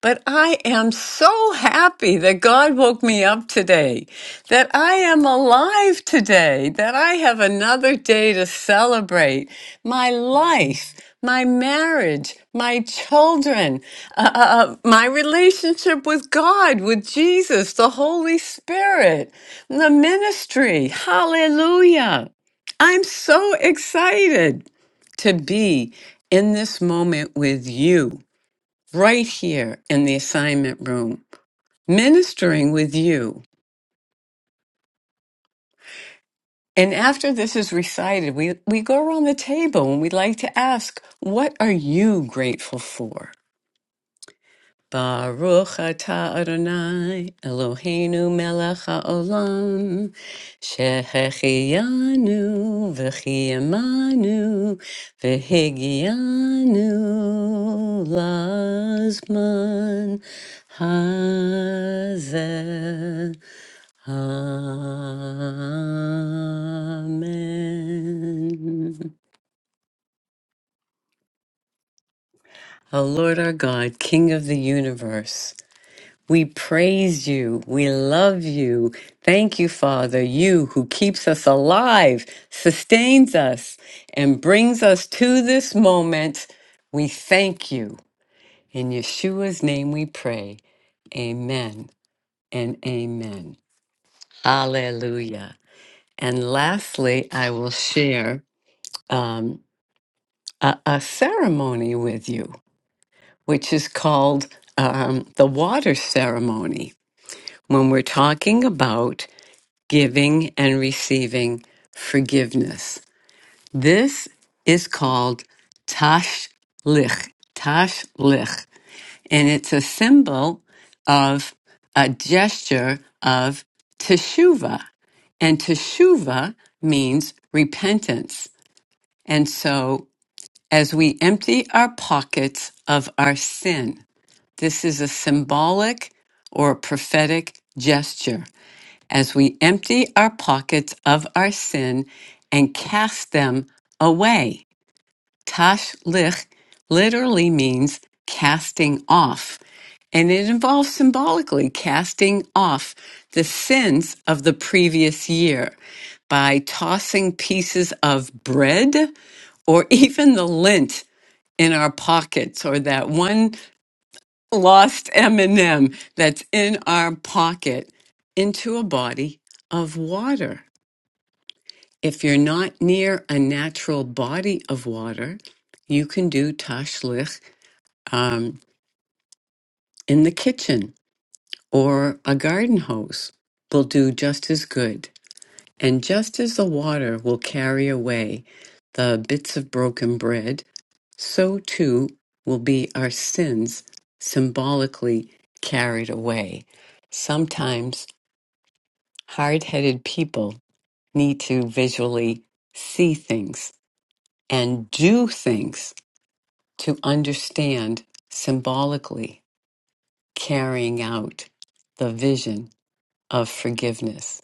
K: but I am so happy that God woke me up today, that I am alive today, that I have another day to celebrate my life, my marriage, my children, uh, uh, uh, my relationship with God, with Jesus, the Holy Spirit, the ministry. Hallelujah. I'm so excited to be in this moment with you, right here in the assignment room, ministering with you. And after this is recited, we, we go around the table and we like to ask, What are you grateful for? Baruch atah Adonai Eloheinu melech haolam shehechianu v'chiyamanu v'higianu lazman hazeh. Amen. O Lord our God, King of the universe, We praise you. We love you. Thank you, Father, you who keeps us alive, sustains us, and brings us to this moment. We thank you. In Yeshua's name we pray. Amen and amen. Hallelujah. And lastly, I will share um, a, a ceremony with you, which is called um, the water ceremony. When we're talking about giving and receiving forgiveness. This is called tashlich, tashlich, and it's a symbol of a gesture of teshuva, and teshuva means repentance. And so, as we empty our pockets of our sin, this is a symbolic or prophetic gesture as we empty our pockets of our sin and cast them away. Tashlich literally means casting off, and it involves symbolically casting off the sins of the previous year by tossing pieces of bread or even the lint in our pockets or that one lost M&M that's in our pocket into a body of water. If you're not near a natural body of water, you can do tashlich um, in the kitchen or a garden hose will do just as good. And just as the water will carry away the bits of broken bread, so too will be our sins symbolically carried away. Sometimes hard headed people need to visually see things and do things to understand symbolically carrying out the vision of forgiveness.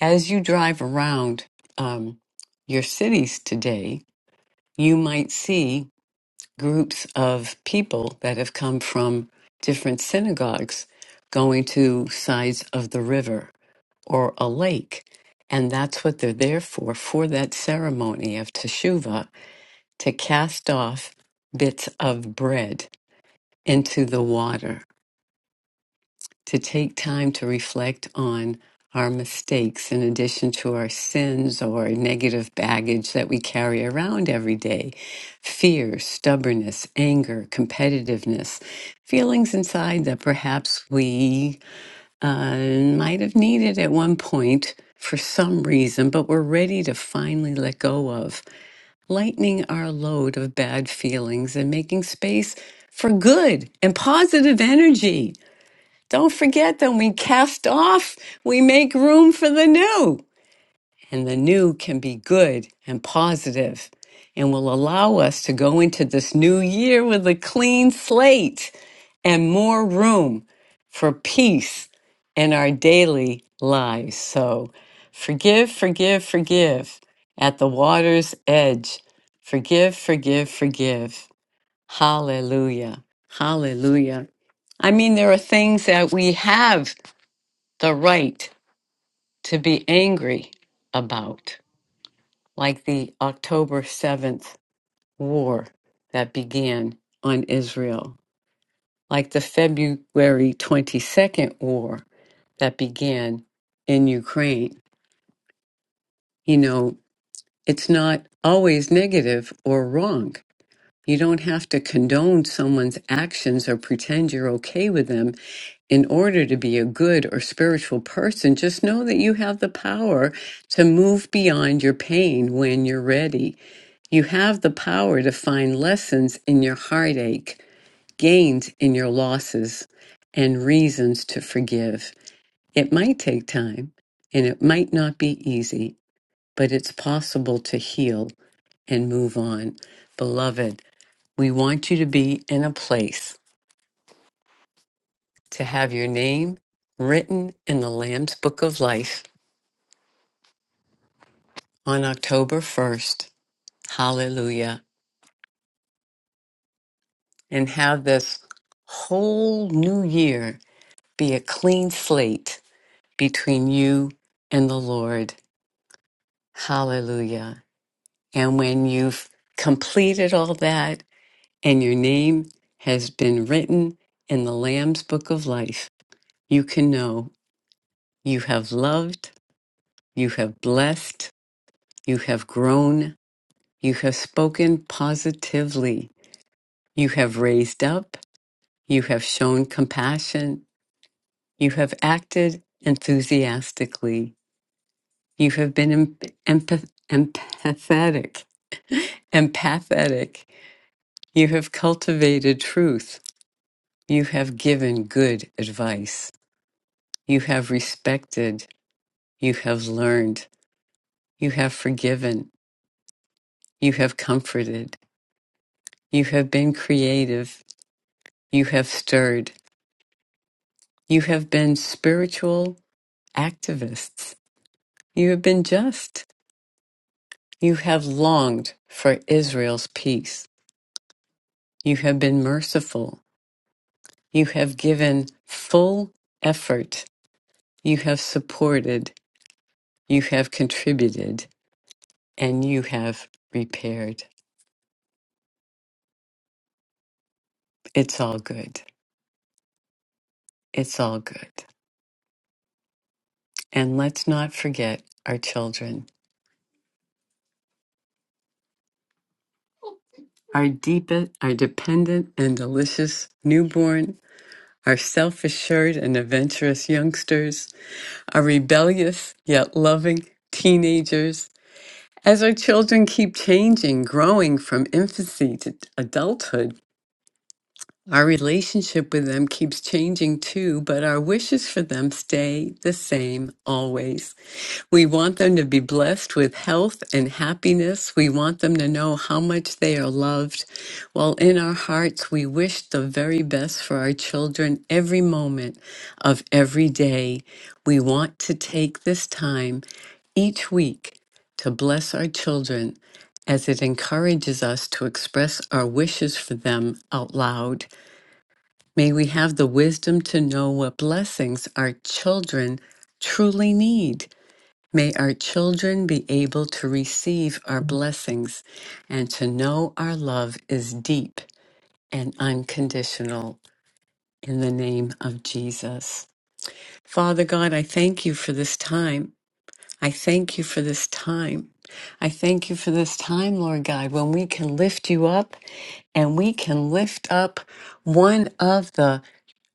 K: As you drive around um, your cities today, you might see groups of people that have come from different synagogues going to sides of the river or a lake. And that's what they're there for, for that ceremony of Teshuvah, to cast off bits of bread into the water to take time to reflect on our mistakes in addition to our sins or negative baggage that we carry around every day fear, stubbornness, anger, competitiveness, feelings inside that perhaps we uh, might have needed at one point for some reason, but we're ready to finally let go of, lightening our load of bad feelings and making space for good and positive energy. Don't forget that we cast off, we make room for the new. And the new can be good and positive and will allow us to go into this new year with a clean slate and more room for peace in our daily lives. So forgive, forgive, forgive at the water's edge. Forgive, forgive, forgive. Hallelujah. Hallelujah. I mean, there are things that we have the right to be angry about, like the October 7th war that began on Israel, like the February 22nd war that began in Ukraine. You know, it's not always negative or wrong. You don't have to condone someone's actions or pretend you're okay with them in order to be a good or spiritual person, just know that you have the power to move beyond your pain when you're ready. You have the power to find lessons in your heartache, gains in your losses, and reasons to forgive. It might take time and it might not be easy, but it's possible to heal and move on. Beloved, we want you to be in a place to have your name written in the Lamb's Book of Life on October 1st. Hallelujah. And have this whole new year be a clean slate between you and the Lord. Hallelujah. And when you've completed all that and your name has been written in the Lamb's Book of Life, you can know you have loved, you have blessed, you have grown, You have spoken positively. You have raised up. You have shown compassion. You have acted enthusiastically. You have been em- empath- empathetic. Empathetic. You have cultivated truth. You have given good advice. You have respected. You have learned. You have forgiven. You have comforted. You have been creative. You have stirred. You have been spiritual activists. You have been just. You have longed for Israel's peace. You have been merciful. You have given full effort. You have supported. You have contributed. And you have repaired. It's all good. It's all good. And let's not forget our children, our deep, our dependent and delicious newborn, our self assured and adventurous youngsters Are rebellious yet loving teenagers. As our children keep changing, growing from infancy to adulthood, our relationship with them keeps changing too, but our wishes for them stay the same always. We want them to be blessed with health and happiness. We want them to know how much they are loved. While in our hearts, we wish the very best for our children every moment of every day. We want to take this time each week to bless our children as it encourages us to express our wishes for them out loud. May we have the wisdom to know what blessings our children truly need May our children be able to receive our blessings and to know our love is deep and unconditional in the name of Jesus. Father God, I thank you for this time. I thank you for this time. I thank you for this time, Lord God, when we can lift you up and we can lift up one of the,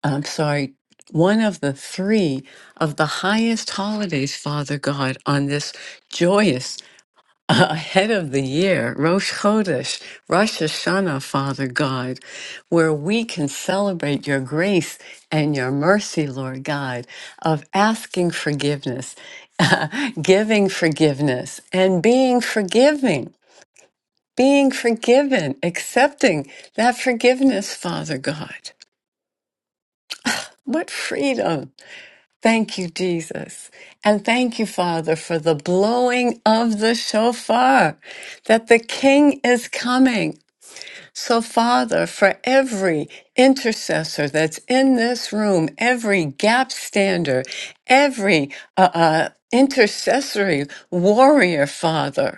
K: I'm sorry, one of the three of the highest holidays, Father God, on this joyous ahead of the year, Rosh Chodesh, Rosh Hashanah, Father God, where we can celebrate your grace and your mercy, Lord God, of asking forgiveness, giving forgiveness, and being forgiving, being forgiven, accepting that forgiveness, Father God. What freedom! Thank you, Jesus. And thank you, Father, for the blowing of the shofar, that the King is coming. So, Father, for every intercessor that's in this room, every gap stander, every uh, uh, intercessory warrior, Father,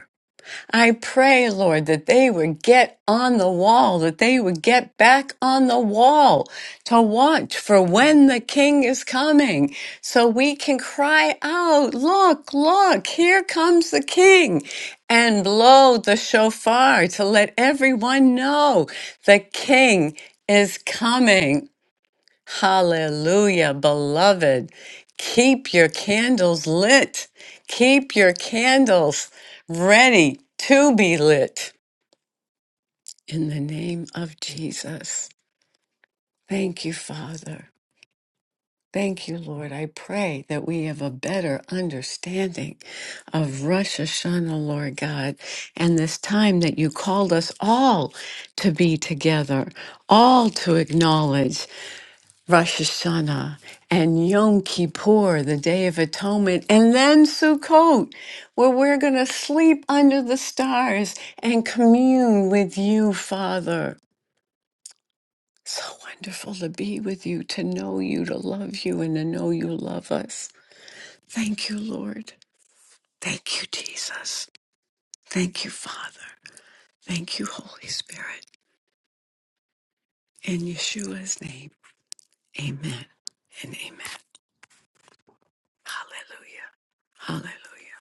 K: I pray, Lord, that they would get on the wall, that they would get back on the wall to watch for when the King is coming. So we can cry out, Look, look, here comes the King, and blow the shofar to let everyone know the King is coming. Hallelujah, beloved. Keep your candles lit. Keep your candles ready to be lit. In the name of Jesus. Thank you, Father. Thank you, Lord. I pray that we have a better understanding of Rosh Hashanah, Lord God, and this time that you called us all to be together, all to acknowledge. Rosh Hashanah and Yom Kippur, the Day of Atonement, and then Sukkot, where we're going to sleep under the stars and commune with you, Father. So wonderful to be with you, to know you, to love you, and to know you love us. Thank you, Lord. Thank you, Jesus. Thank you, Father. Thank you, Holy Spirit. In Yeshua's name, amen and amen. Hallelujah. Hallelujah.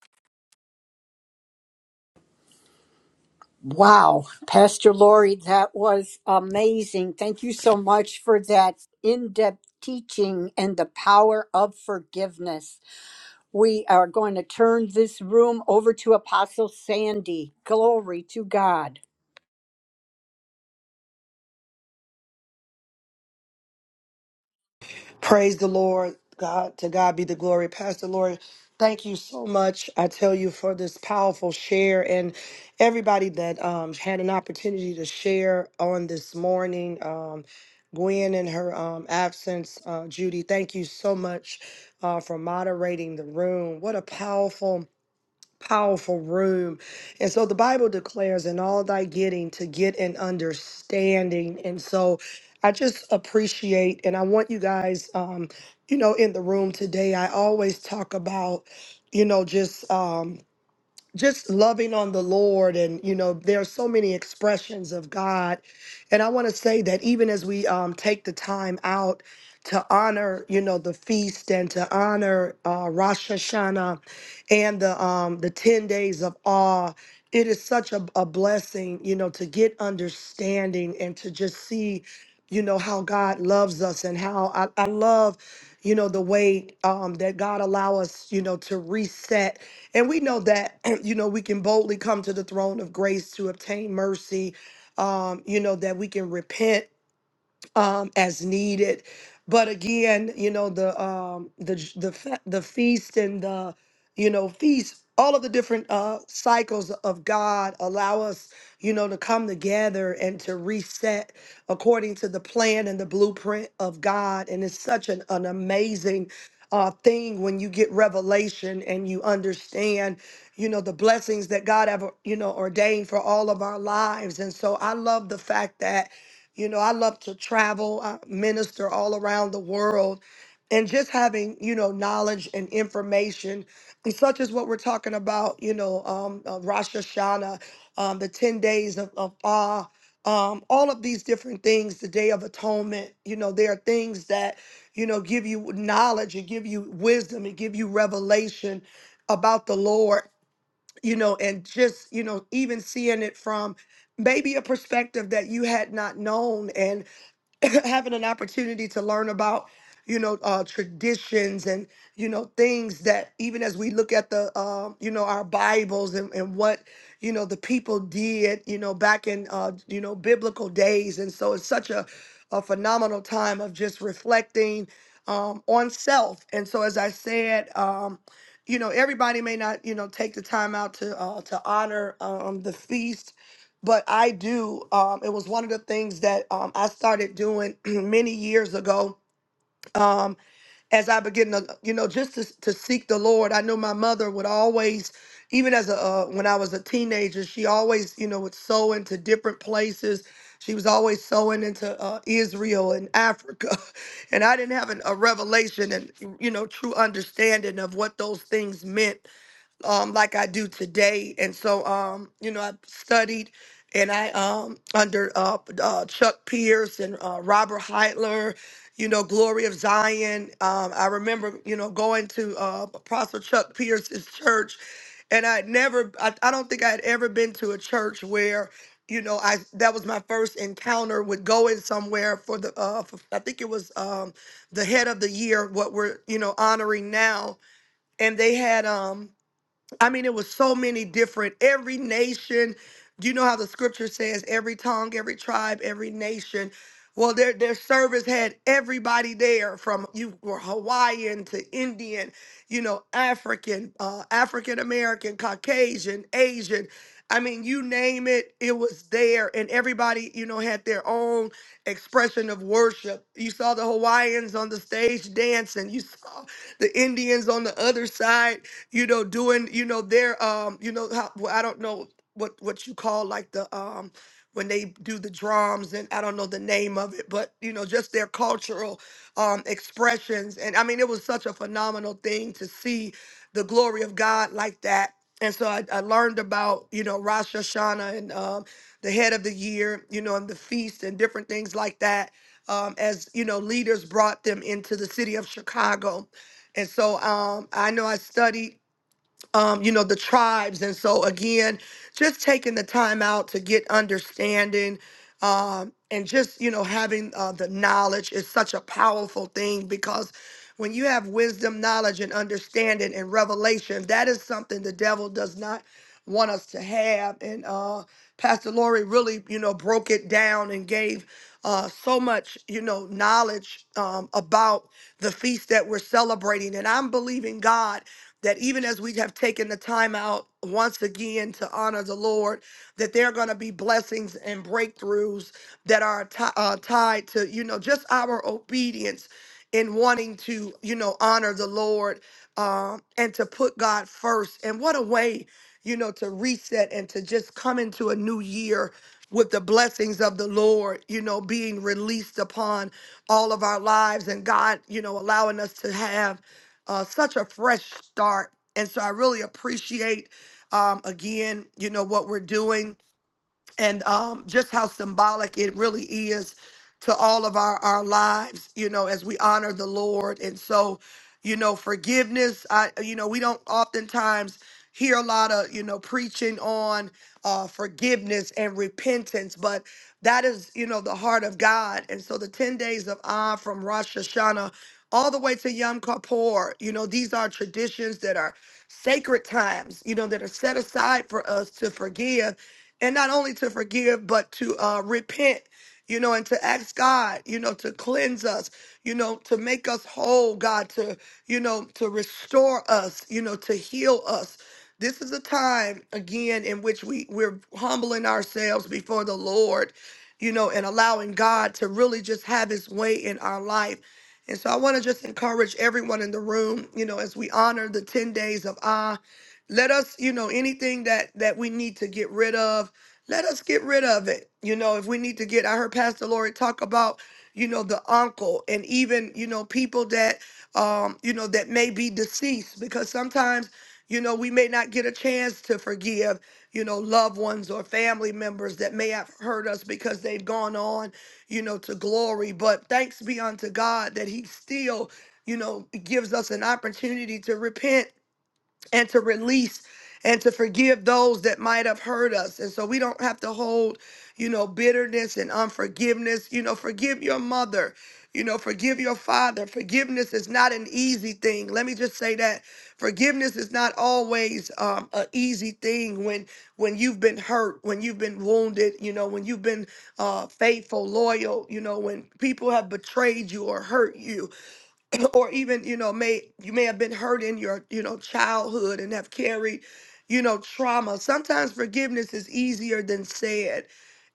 B: Wow, Pastor Lori, that was amazing. Thank you so much for that in depth teaching and the power of forgiveness. We are going to turn this room over to Apostle Sandy. Glory to God.
L: Praise the Lord. God, to God be the glory. Pastor Lord, thank you so much. I tell you for this powerful share and everybody that um, had an opportunity to share on this morning. Um, Gwen in her um, absence, uh, Judy, thank you so much uh, for moderating the room. What a powerful powerful room. And so the Bible declares, in all thy getting, to get an understanding. And so I just appreciate, and I want you guys, um, you know, in the room today, I always talk about, you know, just. Um, just loving on the Lord, and you know, there are so many expressions of God. And I want to say that even as we um, take the time out to honor, you know, the feast and to honor uh, Rosh Hashanah and the um, the ten days of awe, it is such a, a blessing, you know, to get understanding and to just see, you know, how God loves us and how I, I love, you know, the way um, that God allow us, you know, to reset and we know that, you know, we can boldly come to the throne of grace to obtain mercy, um, you know, that we can repent um, as needed. But again, you know the um, the j- the fe- the feast and the you know feast, all of the different uh, cycles of God allow us, you know, to come together and to reset according to the plan and the blueprint of God. And it's such an, an amazing. Uh, thing when you get revelation and you understand you know the blessings that god have you know ordained for all of our lives and so i love the fact that you know, I love to travel, I minister all around the world, and just having, you know, knowledge and information, and such as what we're talking about, you know, um, uh, Rosh Hashanah, um, the 10 days of, of awe, um, all of these different things, the Day of Atonement, you know, there are things that, you know, give you knowledge and give you wisdom and give you revelation about the Lord you know, and just, you know, even seeing it from maybe a perspective that you had not known. and. having an opportunity to learn about you know uh traditions and you know things that even as we look at the um you know our bibles and, and what you know the people did you know back in uh you know biblical days and so it's such a a phenomenal time of just reflecting um on self and so as i said um you know everybody may not you know take the time out to uh to honor um the feast but I do. Um, it was one of the things that um, I started doing many years ago. Um, as I began to, you know, just to, to seek the Lord, I know my mother would always, even as a uh, when I was a teenager, she always, you know, would sow into different places. She was always sowing into uh, Israel and Africa, and I didn't have an, a revelation and you know true understanding of what those things meant um, like I do today. And so, um, you know, I studied and I, um, under uh, uh, Chuck Pierce and uh, Robert Heitler, you know, Glory of Zion. Um, I remember, you know, going to uh, Apostle Chuck Pierce's church. And I had never, I, I don't think I had ever been to a church where, you know, I that was my first encounter with going somewhere for the, uh, for, I think it was um, the head of the year, what we're, you know, honoring now. And they had, um. I mean, it was so many different, every nation. Do you know how the scripture says every tongue, every tribe, every nation? Well, their their service had everybody there from you were Hawaiian to Indian, you know, African, uh, African American, Caucasian, Asian. I mean, you name it, it was there, and everybody, you know, had their own expression of worship. You saw the Hawaiians on the stage dancing. You saw the Indians on the other side you know, doing, you know, their, um, you know, how, well, I don't know what what you call like the um when they do the drums and I don't know the name of it, but you know, just their cultural um expressions. And I mean, it was such a phenomenal thing to see the glory of God like that. And so I, I learned about, you know, Rosh Hashanah and um, the head of the year, you know, and the feast and different things like that. Um, as you know, leaders brought them into the city of Chicago, and so um, I know I studied um, you know, the tribes. And so, again, just taking the time out to get understanding um, and just, you know, having uh, the knowledge is such a powerful thing because when you have wisdom, knowledge, and understanding and revelation, that is something the devil does not want us to have. And uh, Pastor Lori really, you know, broke it down and gave. Uh, so much, you know, knowledge um, about the feast that we're celebrating. And I'm believing God that even as we have taken the time out once again to honor the Lord, that there are going to be blessings and breakthroughs that are ti- uh, tied to, you know, just our obedience in wanting to, you know, honor the Lord um, and to put God first. And what a way, you know, to reset and to just come into a new year with the blessings of the Lord, you know, being released upon all of our lives and God, you know, allowing us to have uh, such a fresh start. And so I really appreciate, um, again, you know, what we're doing and um, just how symbolic it really is to all of our, our lives, you know, as we honor the Lord. And so, you know, forgiveness, I, you know, we don't oftentimes hear a lot of, you know, preaching on uh, forgiveness and repentance, but that is, you know, the heart of God. And so the 10 days of Ah from Rosh Hashanah all the way to Yom Kippur, you know, these are traditions that are sacred times, you know, that are set aside for us to forgive and not only to forgive but to uh, repent you know and to ask god you know to cleanse us you know to make us whole god to you know to restore us you know to heal us this is a time again in which we we're humbling ourselves before the lord you know and allowing god to really just have his way in our life and so i want to just encourage everyone in the room you know as we honor the 10 days of ah let us you know anything that that we need to get rid of let us get rid of it. You know, if we need to get, I heard Pastor Lori talk about, you know, the uncle and even, you know, people that, um, you know, that may be deceased because sometimes, you know, we may not get a chance to forgive, you know, loved ones or family members that may have hurt us because they've gone on, you know, to glory. But thanks be unto God that He still, you know, gives us an opportunity to repent and to release and to forgive those that might have hurt us. And so we don't have to hold, you know, bitterness and unforgiveness. You know, forgive your mother. You know, forgive your father. Forgiveness is not an easy thing. Let me just say that forgiveness is not always um, an easy thing when when you've been hurt, when you've been wounded. You know, when you've been uh, faithful, loyal. You know, when people have betrayed you or hurt you or even you know may you may have been hurt in your you know childhood and have carried you know trauma sometimes forgiveness is easier than said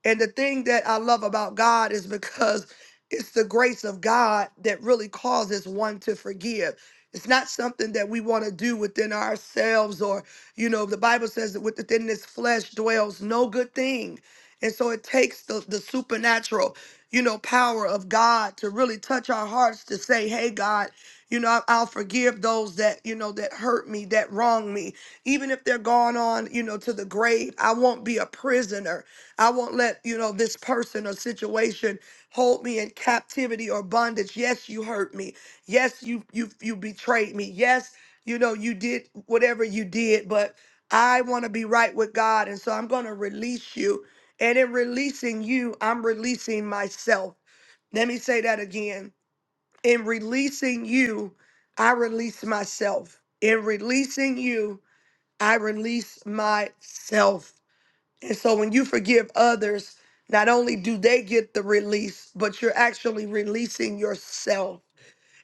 L: and the thing that i love about god is because it's the grace of god that really causes one to forgive it's not something that we want to do within ourselves or you know the bible says that within this flesh dwells no good thing and so it takes the, the supernatural you know, power of God to really touch our hearts to say, hey, God, you know, I- I'll forgive those that, you know, that hurt me, that wrong me. Even if they're gone on, you know, to the grave, I won't be a prisoner. I won't let, you know, this person or situation hold me in captivity or bondage. Yes, you hurt me. Yes, you you you betrayed me. Yes, you know, you did whatever you did, but I want to be right with God. And so I'm going to release you and in releasing you, I'm releasing myself. Let me say that again. In releasing you, I release myself. In releasing you, I release myself. And so when you forgive others, not only do they get the release, but you're actually releasing yourself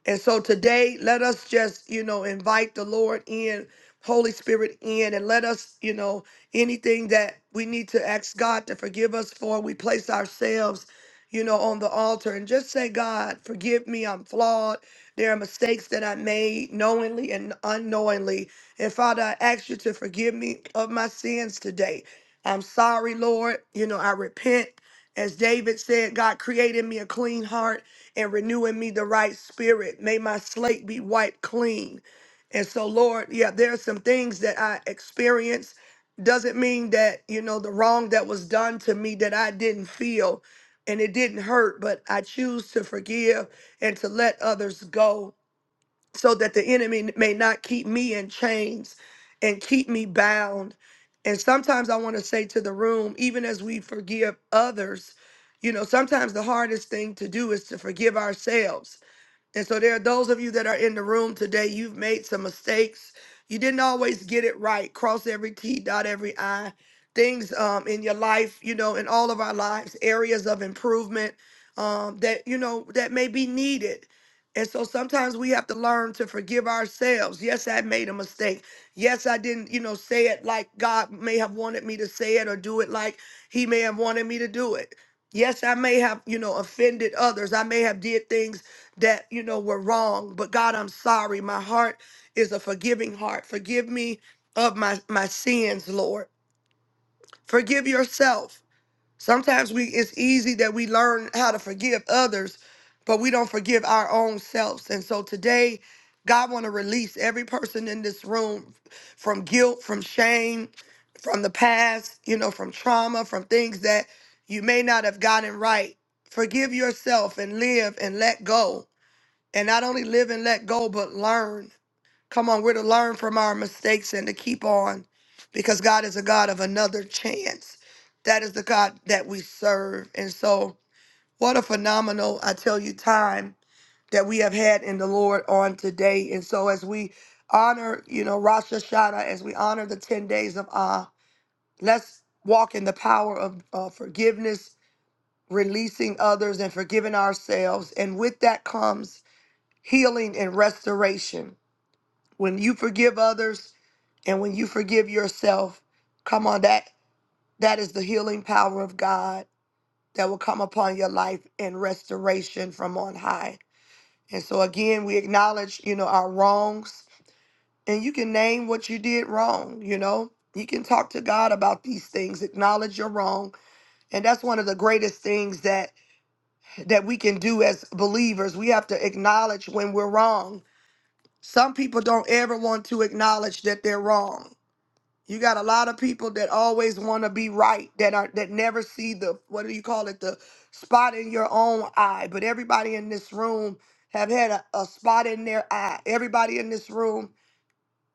L: and so today, let us just, you know, invite the Lord in, Holy Spirit in, and let us, you know, anything that we need to ask God to forgive us for, we place ourselves, you know, on the altar and just say, God, forgive me. I'm flawed. There are mistakes that I made knowingly and unknowingly. And Father, I ask you to forgive me of my sins today. I'm sorry, Lord. You know, I repent. As David said, God created me a clean heart and renew in me the right spirit. May my slate be wiped clean. And so, Lord, yeah, there are some things that I experienced. Doesn't mean that, you know, the wrong that was done to me that I didn't feel and it didn't hurt, but I choose to forgive and to let others go so that the enemy may not keep me in chains and keep me bound. And sometimes I want to say to the room, even as we forgive others, you know, sometimes the hardest thing to do is to forgive ourselves and so there are those of you that are in the room today, you've made some mistakes. You didn't always get it right. Cross every T, dot every I. Things um, in your life, you know, in all of our lives, areas of improvement um, that, you know, that may be needed. And so sometimes we have to learn to forgive ourselves. Yes, I made a mistake. Yes, I didn't, you know, say it like God may have wanted me to say it or do it like he may have wanted me to do it. Yes, I may have, you know, offended others. I may have did things that you know were wrong but god i'm sorry my heart is a forgiving heart forgive me of my my sins lord forgive yourself sometimes we it's easy that we learn how to forgive others but we don't forgive our own selves and so today god want to release every person in this room from guilt from shame from the past you know from trauma from things that you may not have gotten right forgive yourself and live and let go and not only live and let go, but learn. Come on, we're to learn from our mistakes and to keep on because God is a God of another chance. That is the God that we serve. And so, what a phenomenal, I tell you, time that we have had in the Lord on today. And so, as we honor, you know, Rosh Hashanah, as we honor the 10 days of Ah, let's walk in the power of uh, forgiveness, releasing others, and forgiving ourselves. And with that comes healing and restoration when you forgive others and when you forgive yourself come on that that is the healing power of god that will come upon your life and restoration from on high and so again we acknowledge you know our wrongs and you can name what you did wrong you know you can talk to god about these things acknowledge your wrong and that's one of the greatest things that that we can do as believers we have to acknowledge when we're wrong some people don't ever want to acknowledge that they're wrong You got a lot of people that always want to be right that are that never see the what do you call it the spot in your own eye. But everybody in this room have had a, a spot in their eye. Everybody in this room,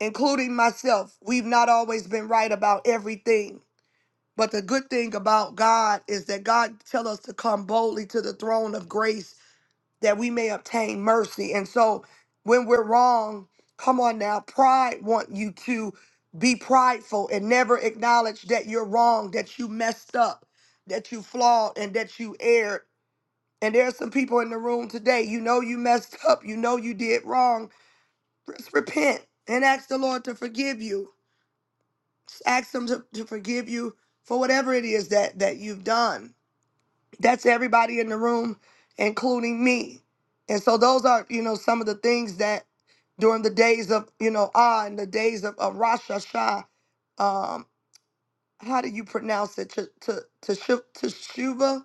L: including myself, we've not always been right about everything. But the good thing about God is that God tell us to come boldly to the throne of grace that we may obtain mercy. And so when we're wrong, come on now, pride want you to be prideful and never acknowledge that you're wrong, that you messed up, that you flawed and that you erred. And there are some people in the room today, you know you messed up, you know you did wrong. Just repent and ask the Lord to forgive you. Just ask him to, to forgive you for whatever it is that that you've done that's everybody in the room, including me. And so those are, you know, some of the things that during the days of, you know, Ah and the days of, of Rosh Hashanah, um, how do you pronounce it? To to to teshuva.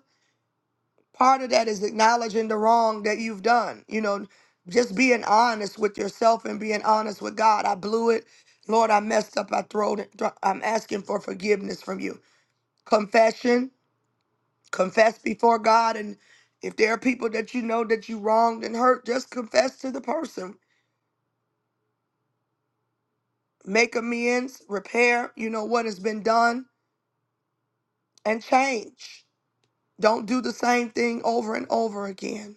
L: Part of that is acknowledging the wrong that you've done. You know, just being honest with yourself and being honest with God. I blew it, Lord. I messed up. I throwed it. I'm asking for forgiveness from you. Confession confess before God. And if there are people that you know that you wronged and hurt, just confess to the person. Make amends, repair, you know, what has been done, and change. Don't do the same thing over and over again.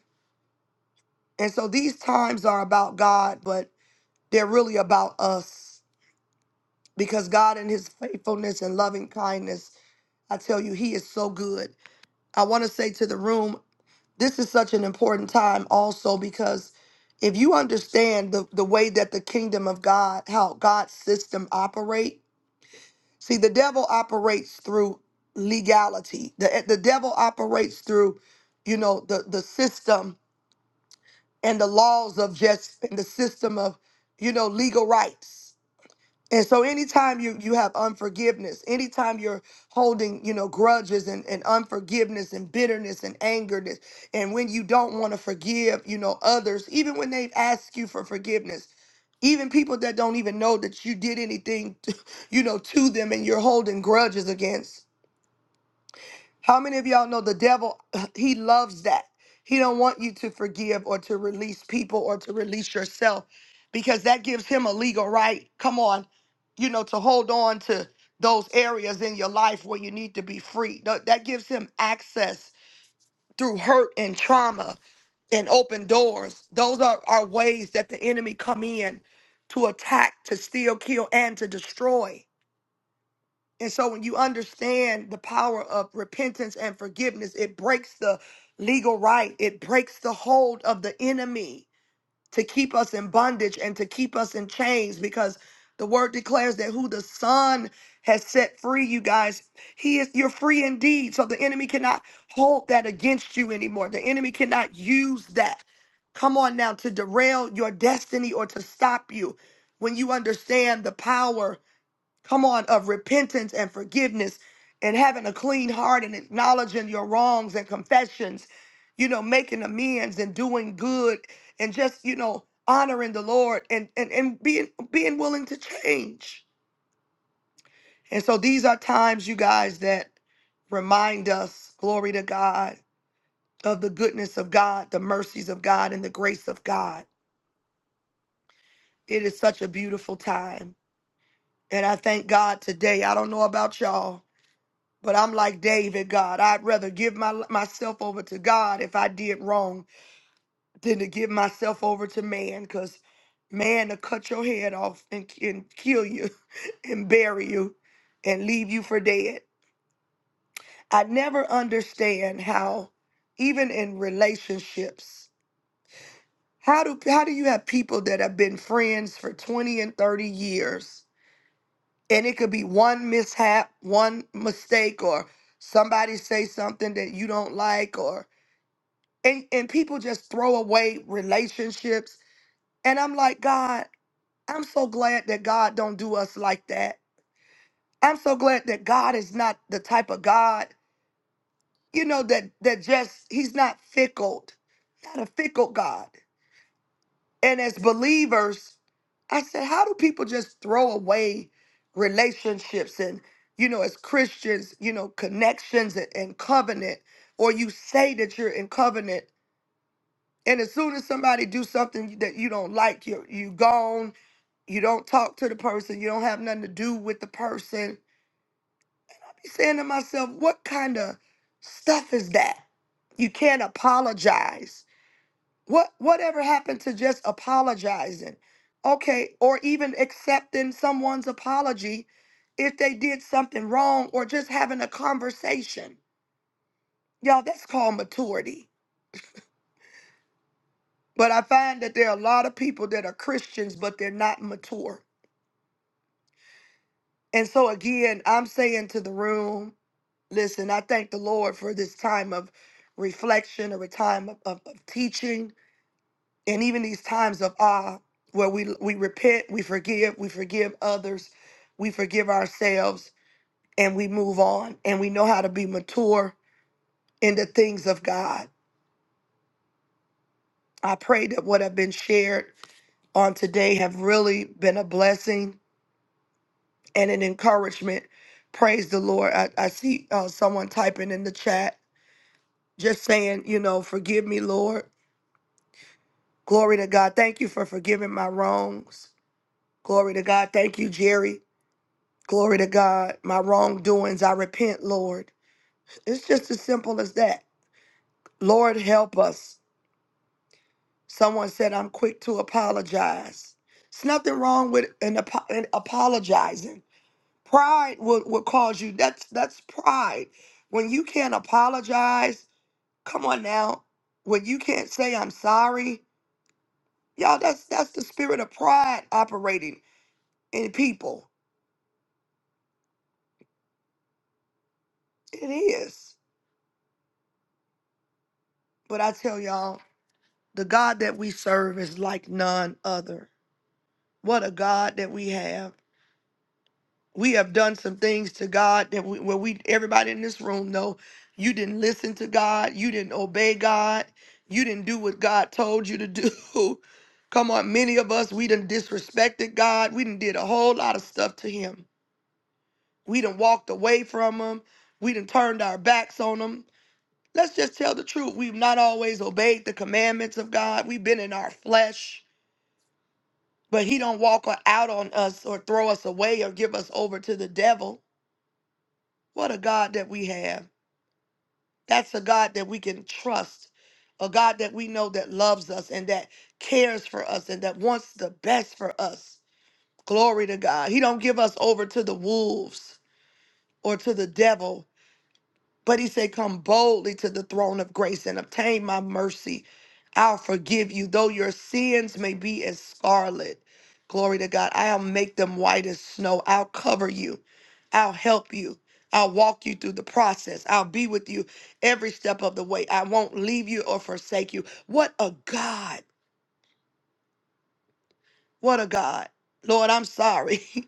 L: And so these times are about God, but they're really about us because God, in his faithfulness and loving kindness, I tell you, he is so good. I want to say to the room this is such an important time also because if you understand the, the way that the kingdom of god how god's system operate see the devil operates through legality the, eh, the devil operates through you know the, the system and the laws of just and the system of you know legal rights and so anytime you you have unforgiveness, anytime you're holding, you know, grudges and, and unforgiveness and bitterness and angerness, and when you don't want to forgive, you know, others, even when they've asked you for forgiveness, even people that don't even know that you did anything, to, you know, to them and you're holding grudges against, how many of y'all know the devil? He loves that. He don't want you to forgive or to release people or to release yourself because that gives him a legal right. Come on, you know, to hold on to those areas in your life where you need to be free. Th- That gives him access through hurt and trauma and open doors. Those are, are ways that the enemy come in to attack, to steal, kill, and to destroy. And so when you understand the power of repentance and forgiveness, it breaks the legal right, it breaks the hold of the enemy to keep us in bondage and to keep us in chains because the word declares that who the son has set free you guys he is you're free indeed so the enemy cannot hold that against you anymore the enemy cannot use that come on now to derail your destiny or to stop you when you understand the power come on, of repentance and forgiveness and having a clean heart and acknowledging your wrongs and confessions, you know, making amends and doing good and just, you know, honoring the Lord and and, and being being willing to change. And so these are times, you guys, that remind us, glory to God, of the goodness of God, the mercies of God, and the grace of God. It is such a beautiful time. And I thank God today. I don't know about y'all, But I'm like David, God. I'd rather give my myself over to God if I did wrong than to give myself over to man, because man to cut your head off and, and kill you and bury you and leave you for dead. I never understand how, even in relationships, how do how do you have people that have been friends for 20 and 30 years and it could be one mishap, one mistake, or somebody say something that you don't like or and and people just throw away relationships and i'm like god i'm so glad that god don't do us like that i'm so glad that god is not the type of god you know that that just he's not fickle not a fickle god and as believers i said how do people just throw away relationships and you know as christians you know connections and, and covenant or you say that you're in covenant And as soon as somebody do something that you don't like, you you gone. You don't talk to the person. You don't have nothing to do with the person. Be saying to myself, what kind of stuff is that? You can't apologize. What whatever happened to just apologizing? Okay, or even accepting someone's apology if they did something wrong or just having a conversation. Y'all, that's called maturity. But I find that there are a lot of people that are Christians, but they're not mature And so again, I'm saying to the room, listen, I thank the Lord for this time of reflection or a time of, of, of teaching and even these times of awe where we we repent, we forgive, we forgive others, we forgive ourselves, and we move on and we know how to be mature in the things of God. I pray that what have been shared on today have really been a blessing and an encouragement. Praise the Lord. I, I see uh, someone typing in the chat Just saying, you know, forgive me, Lord. Glory to God. Thank you for forgiving my wrongs. Glory to God. Thank you, Jerry. Glory to God. My wrongdoings, I repent, Lord. It's just as simple as that. Lord, help us. Someone said, I'm quick to apologize. It's nothing wrong with an, apo- an apologizing. Pride will, will cause you. That's that's pride. When you can't apologize, come on now. When you can't say I'm sorry, Y'all, that's that's the spirit of pride operating in people. It is. But I tell y'all, the God that we serve is like none other. What a God that we have. We have done some things to God that we, where we everybody in this room know you didn't listen to God, you didn't obey God, you didn't do what God told you to do. Come on, many of us we done disrespected God. We done did a whole lot of stuff to Him. We done walked away from Him. We done turned our backs on Him Let's just tell the truth. We've not always obeyed the commandments of God. We've been in our flesh, but he don't walk o- out on us or throw us away or give us over to the devil. What a God that we have. That's a God that we can trust. A God that we know that loves us and that cares for us and that wants the best for us. Glory to God. He don't give us over to the wolves or to the devil But he said, Come boldly to the throne of grace and obtain my mercy. I'll forgive you, though your sins may be as scarlet. Glory to God. I'll make them white as snow. I'll cover you. I'll help you. I'll walk you through the process. I'll be with you every step of the way. I won't leave you or forsake you. What a God. What a God. Lord, I'm sorry.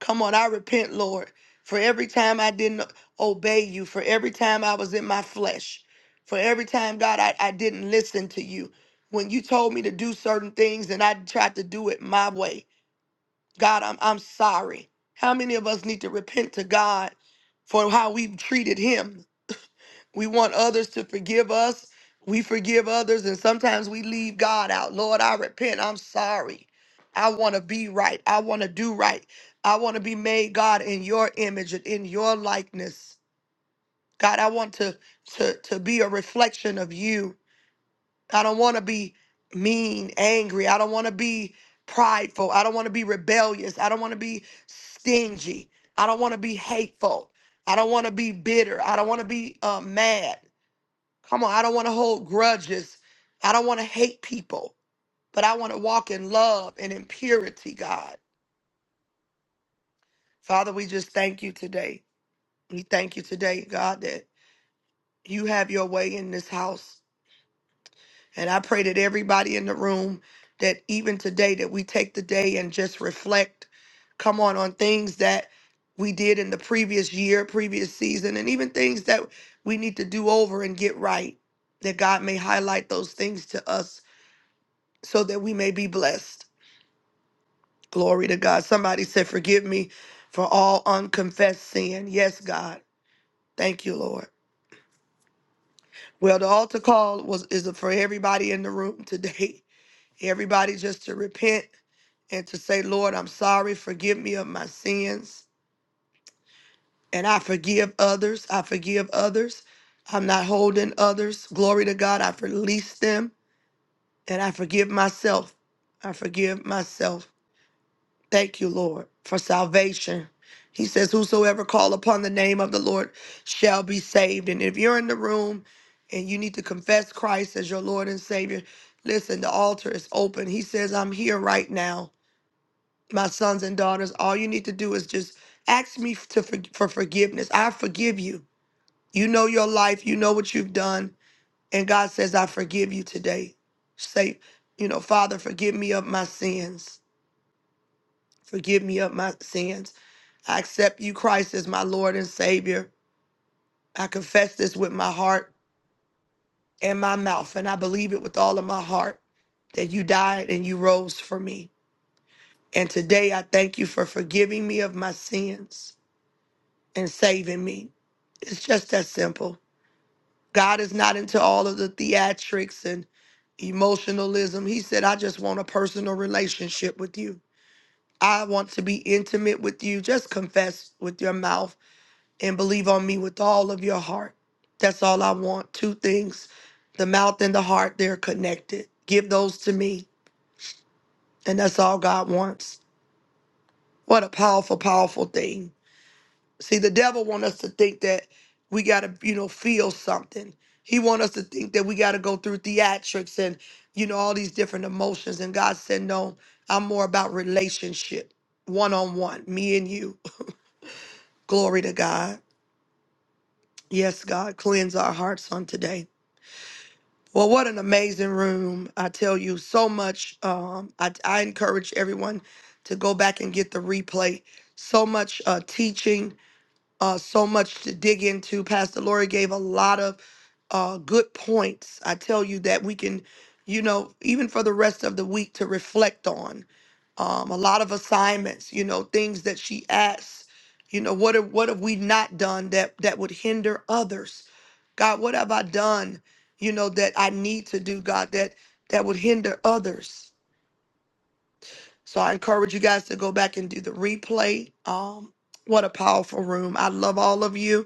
L: Come on, I repent, Lord, for every time I didn't obey you, for every time I was in my flesh, for every time, God, I, I didn't listen to you. When you told me to do certain things and I tried to do it my way, God, I'm, I'm sorry. How many of us need to repent to God for how we've treated Him? We want others to forgive us. We forgive others, and sometimes we leave God out. Lord, I repent. I'm sorry. I want to be right. I want to do right. I want to be made, God, in your image and in your likeness. God, I want to, to, to be a reflection of you. I don't want to be mean, angry. I don't want to be prideful. I don't want to be rebellious. I don't want to be stingy. I don't want to be hateful. I don't want to be bitter. I don't want to be uh, mad. Come on, I don't want to hold grudges. I don't want to hate people, but I want to walk in love and in purity, God. Father, we just thank you today. We thank you today, God, that you have your way in this house. And I pray that everybody in the room, that even today, that we take the day and just reflect, come on, on things that we did in the previous year, previous season, and even things that we need to do over and get right. That God may highlight those things to us so that we may be blessed. Glory to God. Somebody said, Forgive me for all unconfessed sin. Yes, God. Thank you, Lord. Well, the altar call was is for everybody in the room today. Everybody just to repent and to say, Lord, I'm sorry. Forgive me of my sins. And I forgive others. I forgive others. I'm not holding others. Glory to God. I release them and I forgive myself. I forgive myself. Thank you, Lord, for salvation. He says, Whosoever call upon the name of the Lord shall be saved. And if you're in the room and you need to confess Christ as your Lord and Savior, listen, the altar is open. He says, I'm here right now. My sons and daughters, all you need to do is just ask me to for, for forgiveness. I forgive you. You know your life, you know what you've done. And God says, I forgive you today. Say, you know, Father, forgive me of my sins. Forgive me of my sins. I accept you, Christ, as my Lord and Savior. I confess this with my heart and my mouth, and I believe it with all of my heart that you died and you rose for me. And today I thank you for forgiving me of my sins and saving me. It's just that simple. God is not into all of the theatrics and emotionalism. He said, I just want a personal relationship with you. I want to be intimate with you. Just confess with your mouth and believe on me with all of your heart. That's all I want. Two things the mouth and the heart, they're connected. Give those to me, and that's all God wants. What a powerful, powerful thing. See, the devil want us to think that we got to, you know, feel something. He want us to think that we got to go through theatrics and, you know, all these different emotions. And God said, no, I'm more about relationship, one-on-one, me and you. Glory to God. Yes, God, cleanse our hearts on today. Well, what an amazing room. I tell you so much. Um, I, I encourage everyone to go back and get the replay. So much uh, teaching, uh, so much to dig into. Pastor Lori gave a lot of uh, good points. I tell you that we can, you know, even for the rest of the week to reflect on um, a lot of assignments, you know, things that she asks, you know, what have, what have we not done that that would hinder others? God, what have I done, you know, that I need to do, God, that that would hinder others? So I encourage you guys to go back and do the replay. Um, what a powerful room. I love all of you.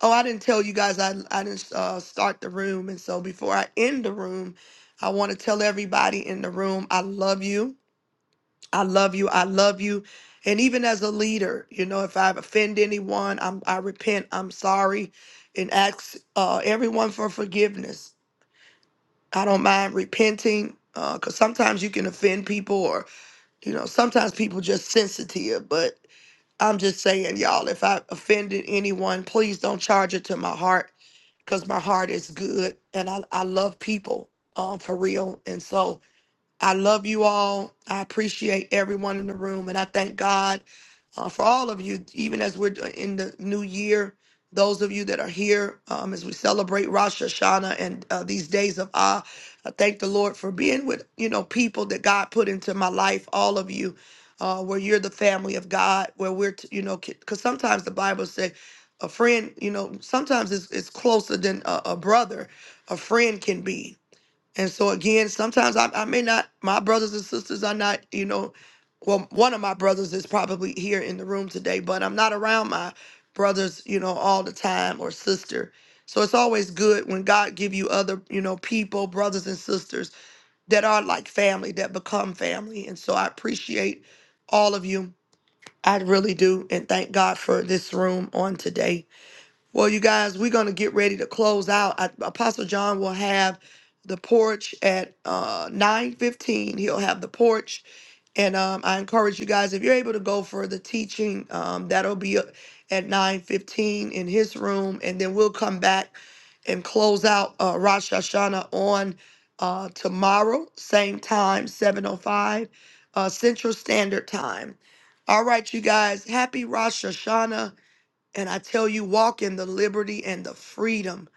L: Oh, I didn't tell you guys I, I didn't uh, start the room. And so before I end the room, I want to tell everybody in the room, I love you. I love you. I love you. And even as a leader, you know, if I've offended anyone, I'm, I repent. I'm sorry. And ask uh, everyone for forgiveness. I don't mind repenting because sometimes you can offend people or, you know, sometimes people just sensitive. But I'm just saying, y'all, if I offended anyone, please don't charge it to my heart because my heart is good and I, I love people um, for real. And so I love you all. I appreciate everyone in the room, and I thank God uh, for all of you. Even as we're uh, in the new year, those of you that are here um, as we celebrate Rosh Hashanah and uh, these days of Ah, I thank the Lord for being with you know people that God put into my life. All of you, uh, where you're the family of God, where we're t- you know because sometimes the Bible says. A friend, you know, sometimes it's, it's closer than a, a brother, a friend can be. And so again, sometimes I, I may not, my brothers and sisters are not, you know, well, one of my brothers is probably here in the room today, but I'm not around my brothers, you know, all the time or sister. So it's always good when God give you other, you know, people, brothers and sisters that are like family, that become family. And so I appreciate all of you. I really do. And thank God for this room on today. Well, you guys, we're going to get ready to close out. I, Apostle John will have the porch at uh, 9.15. He'll have the porch. And um, I encourage you guys, if you're able to go for the teaching, um, that'll be at 9.15 in his room. And then we'll come back and close out uh, Rosh Hashanah on uh, tomorrow, same time, 7.05 uh, Central Standard Time. All right, you guys, happy Rosh Hashanah. And I tell you, walk in the liberty and the freedom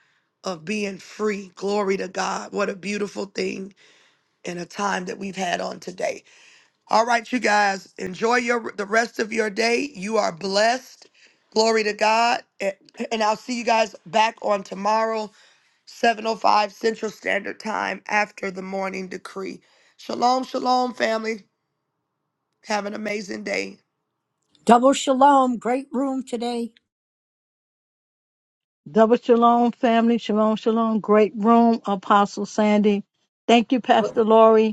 L: of being free. Glory to God. What a beautiful thing and a time that we've had on today. All right, you guys, enjoy your the rest of your day. You are blessed. Glory to God. And and I'll see you guys back on tomorrow, 7:05 Central Standard Time after the morning decree. Shalom, shalom, family. Have an amazing day.
B: Double shalom. Great room today.
C: Double shalom, family. Shalom, shalom. Great room, Apostle Sandy. Thank you, Pastor Lori.